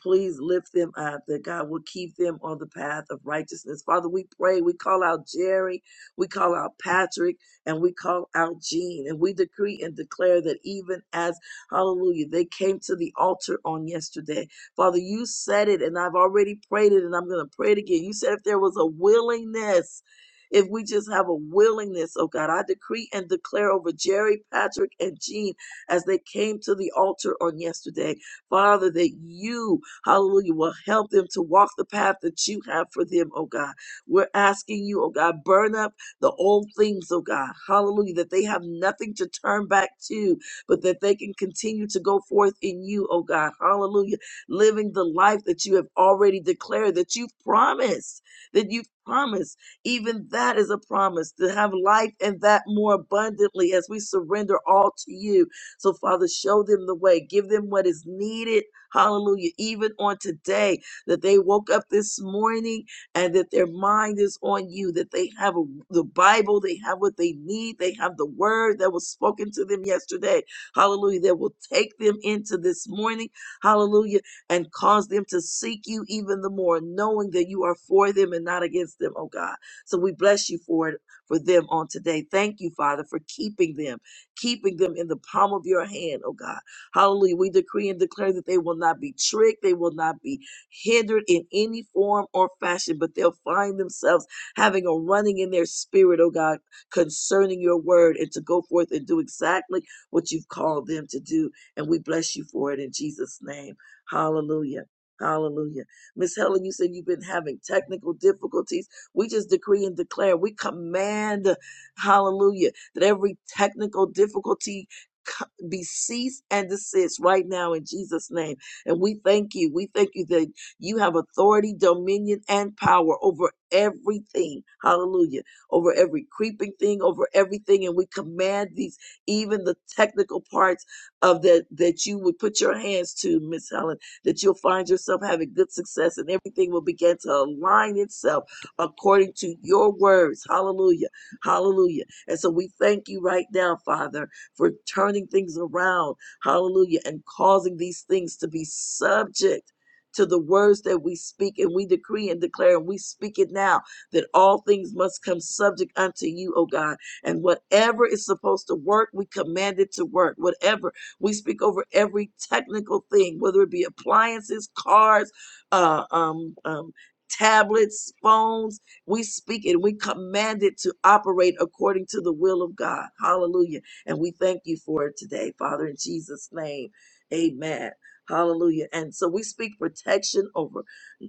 [SPEAKER 2] Please lift them up that God will keep them on the path of righteousness. Father, we pray, we call out Jerry, we call out Patrick, and we call out Jean, and we decree and declare that even as, hallelujah, they came to the altar on yesterday. Father, you said it, and I've already prayed it, and I'm going to pray it again. You said if there was a willingness, if we just have a willingness, oh God, I decree and declare over Jerry, Patrick, and Jean as they came to the altar on yesterday. Father, that you, hallelujah, will help them to walk the path that you have for them, oh God. We're asking you, oh God, burn up the old things, oh God. Hallelujah, that they have nothing to turn back to, but that they can continue to go forth in you, oh God. Hallelujah, living the life that you have already declared, that you've promised, that you've promised. Even that is a promise to have life and that more abundantly as we surrender all to you. So, Father, show them the way. Give them what is needed. Hallelujah. Even on today, that they woke up this morning and that their mind is on you, that they have a, the Bible, they have what they need, they have the word that was spoken to them yesterday. Hallelujah. That will take them into this morning. Hallelujah. And cause them to seek you even the more, knowing that you are for them and not against them, oh God. So we bless you for it, for them on today. Thank you, Father, for keeping them keeping them in the palm of your hand, oh God. Hallelujah. We decree and declare that they will not be tricked, they will not be hindered in any form or fashion, but they'll find themselves having a running in their spirit, oh God, concerning your word and to go forth and do exactly what you've called them to do. And we bless you for it in Jesus' name. Hallelujah. Hallelujah. Miss Helen, you said you've been having technical difficulties. We just decree and declare. We command, hallelujah that every technical difficulty be cease and desist right now in Jesus' name. And we thank you. We thank you that you have authority, dominion, and power over everything. Hallelujah. Over every creeping thing, over everything. And we command these, even the technical parts of that, that you would put your hands to, Miss Helen, that you'll find yourself having good success and everything will begin to align itself according to your words. Hallelujah. Hallelujah and so we thank you right now, Father, for turning things around. Hallelujah. And causing these things to be subject to the words that we speak and we decree and declare and we speak it now that all things must come subject unto you, O God. And whatever is supposed to work, we command it to work. Whatever we speak over every technical thing, whether it be appliances, cars, uh, um, um, tablets, phones we speak it. We command it to operate according to the will of God. Hallelujah. And we thank you for it today, Father, in Jesus' name. Amen. Hallelujah. And so we speak protection over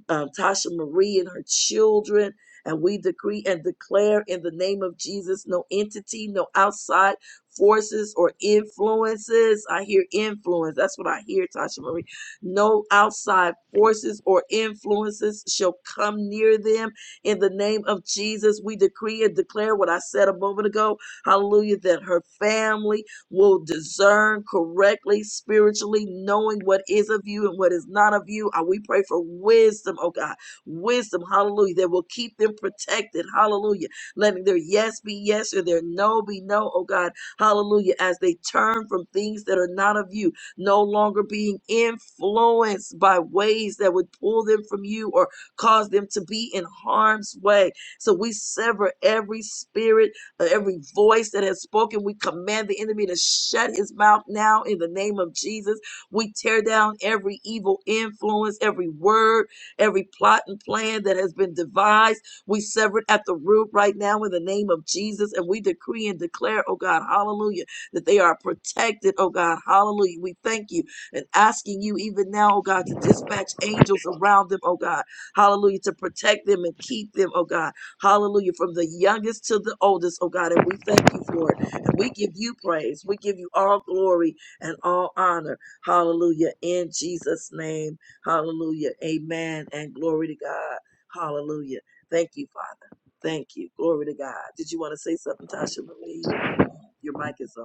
[SPEAKER 2] um, Tasha Marie and her children. And we decree and declare in the name of Jesus no entity, no outside forces or influences. I hear influence. That's what I hear, Tasha Marie. No outside forces or influences shall come near them. In the name of Jesus, we decree and declare what I said a moment ago. Hallelujah. That her family, will discern correctly spiritually, knowing what is of you and what is not of you. Uh, We pray for wisdom, oh God, wisdom, hallelujah, that will keep them protected, hallelujah, letting their yes be yes or their no be no, oh God, hallelujah, as they turn from things that are not of you, no longer being influenced by ways that would pull them from you or cause them to be in harm's way. So we sever every spirit uh, Every voice that has spoken, we command the enemy to shut his mouth now in the name of Jesus. We tear down every evil influence, every word, every plot and plan that has been devised. We sever it at the root right now in the name of Jesus. And we decree and declare, oh God, hallelujah, that they are protected, oh God, hallelujah. We thank you and asking you even now, oh God, to dispatch angels around them, oh God, hallelujah, to protect them and keep them, oh God. Hallelujah. From the youngest to the oldest, oh God. And we thank you for it. And we give you praise. We give you all glory and all honor. Hallelujah. In Jesus' name. Hallelujah. Amen. And glory to God. Hallelujah. Thank you, Father. Thank you. Glory to God. Did you want to say something, Tasha Marie? You're on. Your mic is on.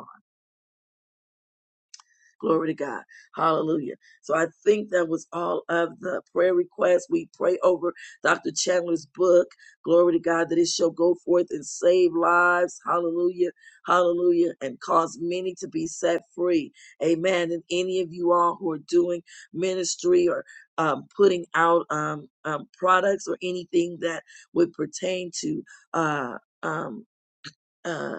[SPEAKER 2] Glory to God. Hallelujah. So I think that was all of the prayer requests. We pray over Dr. Chandler's book. Glory to God that it shall go forth and save lives. Hallelujah. Hallelujah. And cause many to be set free. Amen. And any of you all who are doing ministry or um, putting out um, um, products or anything that would pertain to uh, um, uh,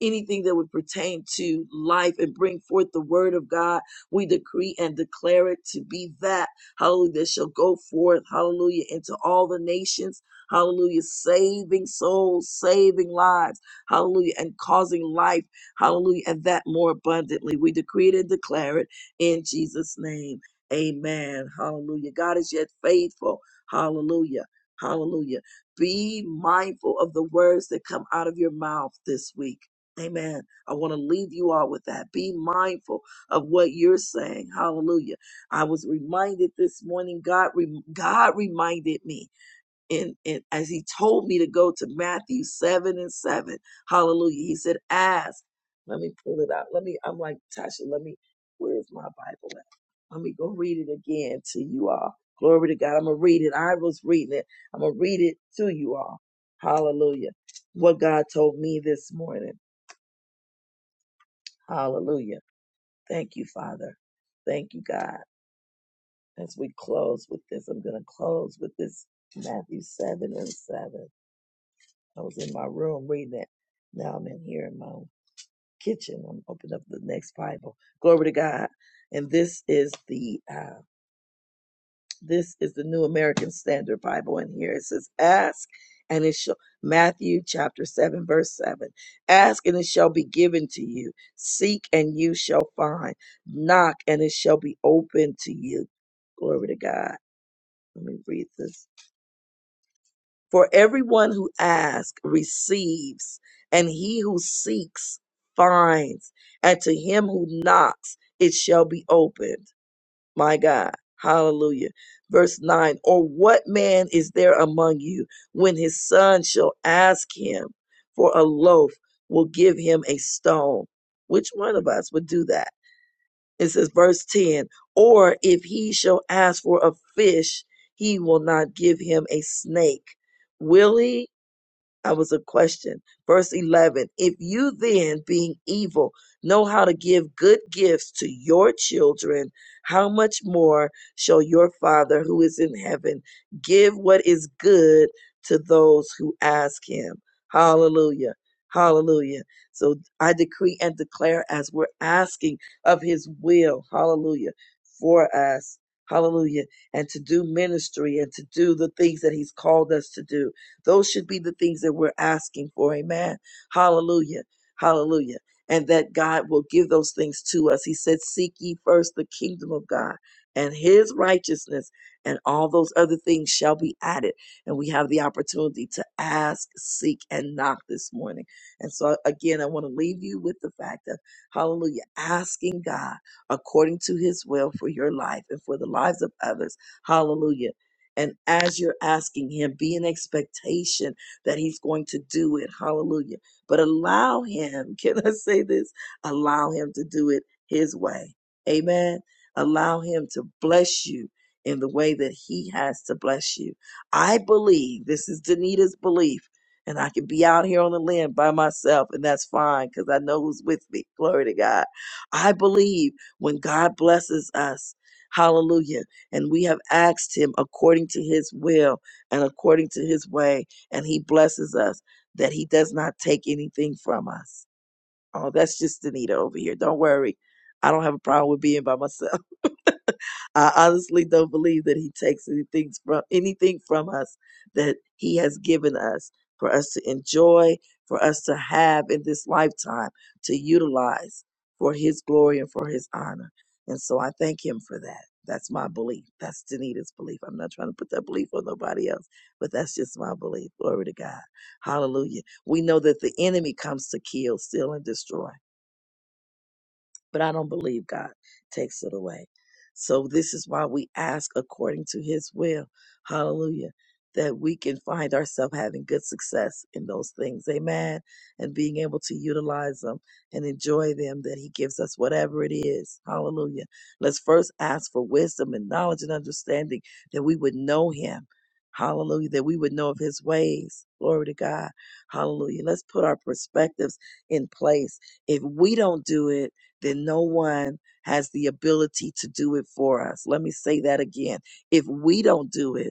[SPEAKER 2] anything that would pertain to life and bring forth the word of God. We decree and declare it to be that, hallelujah, that shall go forth, hallelujah, into all the nations, hallelujah, saving souls, saving lives, hallelujah, and causing life, hallelujah, and that more abundantly. We decree it and declare it in Jesus' name. Amen. Hallelujah. God is yet faithful. Hallelujah. Hallelujah be mindful of the words that come out of your mouth this week. Amen. I want to leave you all with that. Be mindful of what you're saying. Hallelujah. I was reminded this morning, God, re- God reminded me. In in as he told me to go to Matthew 7 and 7. Hallelujah. He said, ask. Let me pull it out. Let me, I'm like, Tasha, let me, where's my Bible at? Let me go read it again to you all. Glory to God. I'm going to read it. I was reading it. I'm going to read it to you all. Hallelujah. What God told me this morning. Hallelujah. Thank you, Father. Thank you, God. As we close with this, I'm going to close with this Matthew 7 and 7. I was in my room reading it. Now I'm in here in my own kitchen. I'm opening up the next Bible. Glory to God. And this is the uh, this is the New American Standard Bible. In here it says, "Ask and it shall." Matthew chapter seven verse seven. Ask and it shall be given to you. Seek and you shall find. Knock and it shall be opened to you. Glory to God. Let me read this For everyone who asks receives, and he who seeks finds, and to him who knocks it shall be opened. My God. Hallelujah. Verse 9 Or what man is there among you when his son shall ask him for a loaf, will give him a stone? Which one of us would do that? It says, verse 10 Or if he shall ask for a fish, he will not give him a snake. Will he? I was a question. Verse 11 If you then, being evil, know how to give good gifts to your children, how much more shall your Father who is in heaven give what is good to those who ask him? Hallelujah. Hallelujah. So I decree and declare as we're asking of his will, hallelujah, for us, hallelujah, and to do ministry and to do the things that he's called us to do. Those should be the things that we're asking for. Amen. Hallelujah. Hallelujah. And that God will give those things to us. He said, Seek ye first the kingdom of God and his righteousness, and all those other things shall be added. And we have the opportunity to ask, seek, and knock this morning. And so, again, I want to leave you with the fact of, hallelujah, asking God according to his will for your life and for the lives of others. Hallelujah and as you're asking Him, be in expectation that He's going to do it. Hallelujah. But allow Him, *laughs* can I say this? Allow Him to do it His way. Amen. Allow Him to bless you in the way that He has to bless you. I believe, this is Danita's belief, and I can be out here on the land by myself, and that's fine because I know who's with me. *laughs* Glory to God. I believe when God blesses us, hallelujah. And we have asked him according to his will and according to his way. And he blesses us that he does not take anything from us. Oh, that's just Anita over here. Don't worry. I don't have a problem with being by myself. *laughs* I honestly don't believe that he takes anything from anything from us that he has given us for us to enjoy, for us to have in this lifetime, to utilize for his glory and for his honor. And so I thank him for that. That's my belief. That's Danita's belief. I'm not trying to put that belief on nobody else, but that's just my belief. Glory to God. Hallelujah. We know that the enemy comes to kill, steal, and destroy but I don't believe God takes it away. So this is why we ask according to his will. Hallelujah. That we can find ourselves having good success in those things. Amen. And being able to utilize them and enjoy them that he gives us, whatever it is. Hallelujah. Let's first ask for wisdom and knowledge and understanding that we would know him. Hallelujah. That we would know of his ways. Glory to God. Hallelujah. Let's put our perspectives in place. If we don't do it, then no one has the ability to do it for us. Let me say that again. If we don't do it,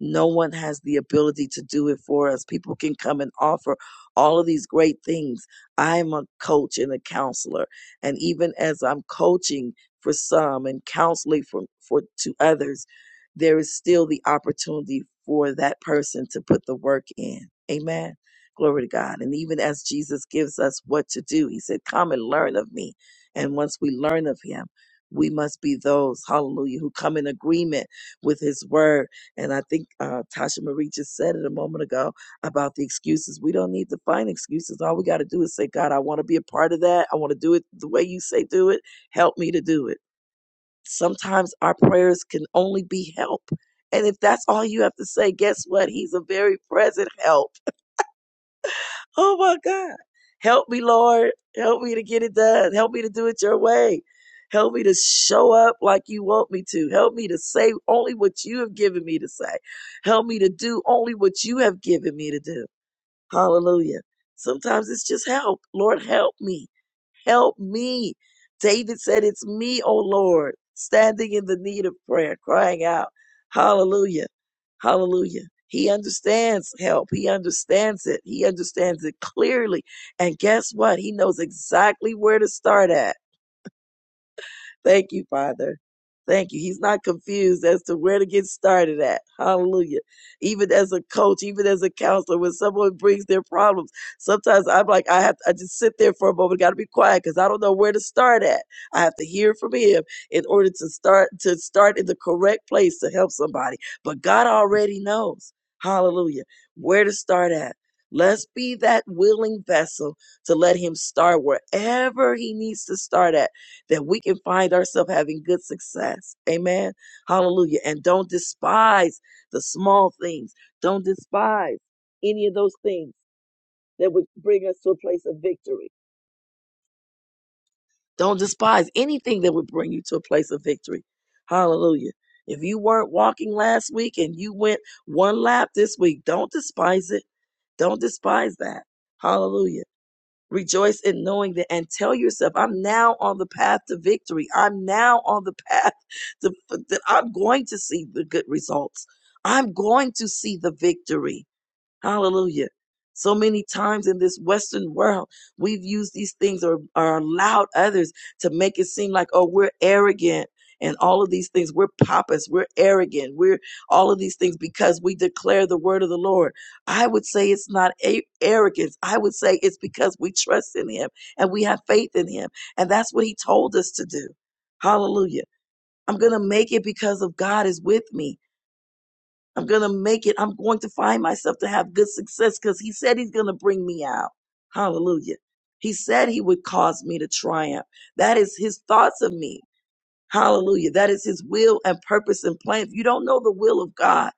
[SPEAKER 2] no one has the ability to do it for us. People can come and offer all of these great things. I'm a coach and a counselor. And even as I'm coaching for some and counseling for, for to others, there is still the opportunity for that person to put the work in. Amen. Glory to God. And even as Jesus gives us what to do, he said, Come and learn of me. And once we learn of him, we must be those, hallelujah, who come in agreement with his word and I think uh, Tasha Marie just said it a moment ago about the excuses. We don't need to find excuses. All we got to do is say, God, I want to be a part of that. I want to do it the way you say do it. Help me to do it. Sometimes our prayers can only be help. And if that's all you have to say, guess what? He's a very present help Oh my God. Help me, Lord. Help me to get it done. Help me to do it your way. Help me to show up like you want me to. Help me to say only what you have given me to say. Help me to do only what you have given me to do. Hallelujah. Sometimes it's just help. Lord, help me. Help me. David said, It's me, O Lord, standing in the need of prayer, crying out. Hallelujah. Hallelujah. He understands help. He understands it. He understands it clearly. And guess what? He knows exactly where to start at. Thank you, Father. Thank you. He's not confused as to where to get started at. Hallelujah. Even as a coach, even as a counselor, when someone brings their problems, sometimes I'm like, I have, I just sit there for a moment, got to be quiet because I don't know where to start at. I have to hear from him in order to start, to start in the correct place to help somebody. But God already knows. Hallelujah. Where to start at. Let's be that willing vessel to let him start wherever he needs to start at that we can find ourselves having good success. Amen. Hallelujah. And don't despise the small things. Don't despise any of those things that would bring us to a place of victory. Don't despise anything that would bring you to a place of victory. Hallelujah. If you weren't walking last week and you went one lap this week, don't despise it. Don't despise that. Hallelujah Rejoice in knowing that and tell yourself, I'm now on the path to victory. I'm now on the *laughs* path to, that I'm going to see the good results. I'm going to see the victory. Hallelujah. So many times in this Western world, we've used these things or, or allowed others to make it seem like, oh, we're arrogant and all of these things. We're pompous. We're arrogant. We're all of these things because we declare the word of the Lord. I would say it's not a- arrogance. I would say it's because we trust in him and we have faith in him. And that's what he told us to do. Hallelujah. I'm going to make it because of God is with me. I'm going to make it. I'm going to find myself to have good success because he said he's going to bring me out. Hallelujah. He said he would cause me to triumph. That is his thoughts of me. Hallelujah. That is his will and purpose and plan. If you don't know the will of God,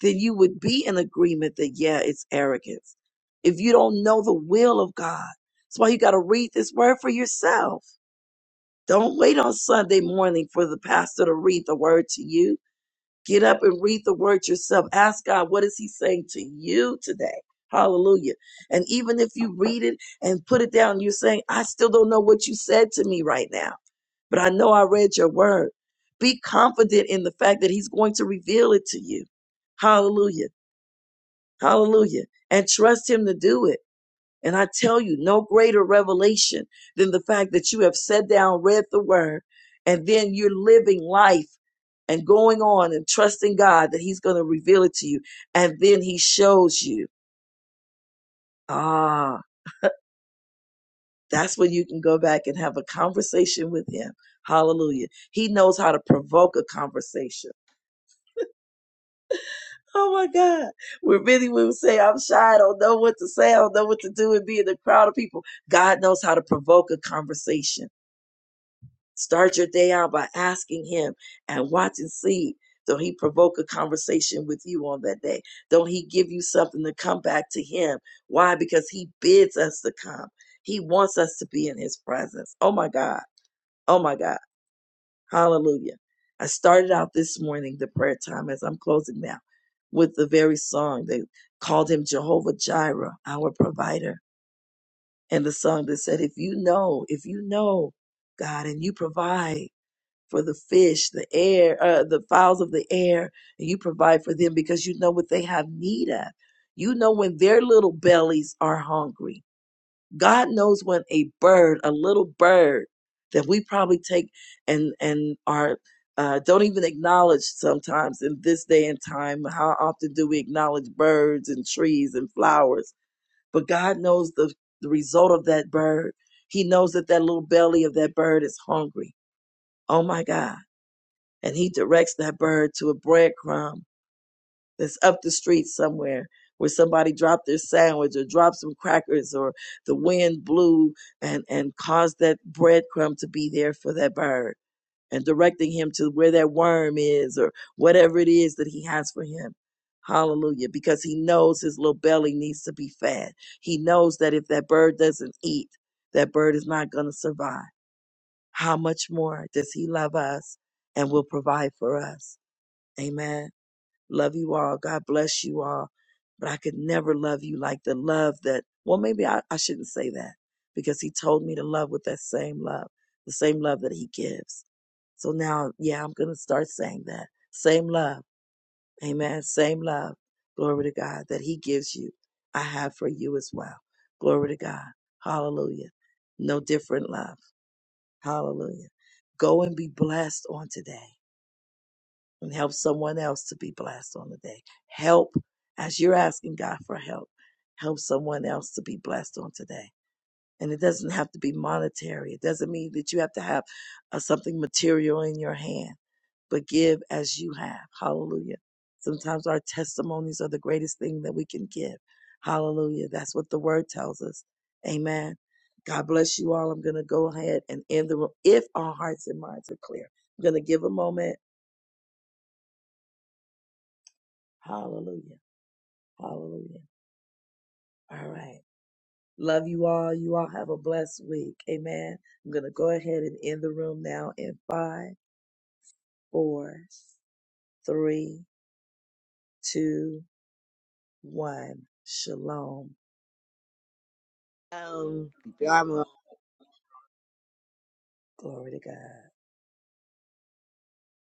[SPEAKER 2] then you would be in agreement that, yeah, it's arrogance. If you don't know the will of God, that's why you got to read this word for yourself. Don't wait on Sunday morning for the pastor to read the word to you Get up and read the word yourself. Ask God, what is he saying to you today? Hallelujah. And even if you read it and put it down, you're saying, I still don't know what you said to me right now, but I know I read your word. Be confident in the fact that he's going to reveal it to you. Hallelujah. Hallelujah. And trust him to do it. And I tell you, no greater revelation than the fact that you have sat down, read the word, and then you're living life and going on and trusting God that He's going to reveal it to you. And then He shows you. Ah, that's when you can go back and have a conversation with Him. Hallelujah. He knows how to provoke a conversation. Oh my God. Where many women say, I'm shy, I don't know what to say, I don't know what to do, and be in a crowd of people. God knows how to provoke a conversation Start your day out by asking him and watch and see. Don't he provoke a conversation with you on that day? Don't he give you something to come back to him? Why? Because he bids us to come. He wants us to be in his presence. Oh my God. Oh my God. Hallelujah. I started out this morning, the prayer time, as I'm closing now, with the very song that called him Jehovah Jireh, our provider. And the song that said, if you know, if you know God and you provide, for the fish, the air, uh, the fowls of the air, and you provide for them because you know what they have need of. You know when their little bellies are hungry. God knows when a bird, a little bird that we probably take and and are uh, don't even acknowledge sometimes in this day and time. How often do we acknowledge birds and trees and flowers? But God knows the, the result of that bird. He knows that that little belly of that bird is hungry. Oh my God and he directs that bird to a breadcrumb that's up the street somewhere where somebody dropped their sandwich or dropped some crackers or the wind blew and and caused that breadcrumb to be there for that bird and directing him to where that worm is or whatever it is that he has for him hallelujah because he knows his little belly needs to be fed he knows that if that bird doesn't eat that bird is not going to survive how much more does he love us and will provide for us Amen. Love you all. God bless you all. But I could never love you like the love that, well, maybe I, I shouldn't say that because he told me to love with that same love, the same love that he gives. So now, yeah, I'm going to start saying that. Same love. Amen. Same love. Glory to God that he gives you. I have for you as well. Glory to God. Hallelujah. No different love. Hallelujah. Go and be blessed on today and help someone else to be blessed on the day. Help as you're asking God for help. Help someone else to be blessed on today. And it doesn't have to be monetary. It doesn't mean that you have to have uh, something material in your hand, but give as you have. Hallelujah. Sometimes our testimonies are the greatest thing that we can give. Hallelujah. That's what the word tells us. Amen. God bless you all. I'm going to go ahead and end the room if our hearts and minds are clear. I'm going to give a moment. Hallelujah. Hallelujah. All right. Love you all. You all have a blessed week. Amen. I'm going to go ahead and end the room now in five, four, three, two, one. Shalom.
[SPEAKER 7] Um, keep your armor
[SPEAKER 2] Glory to God.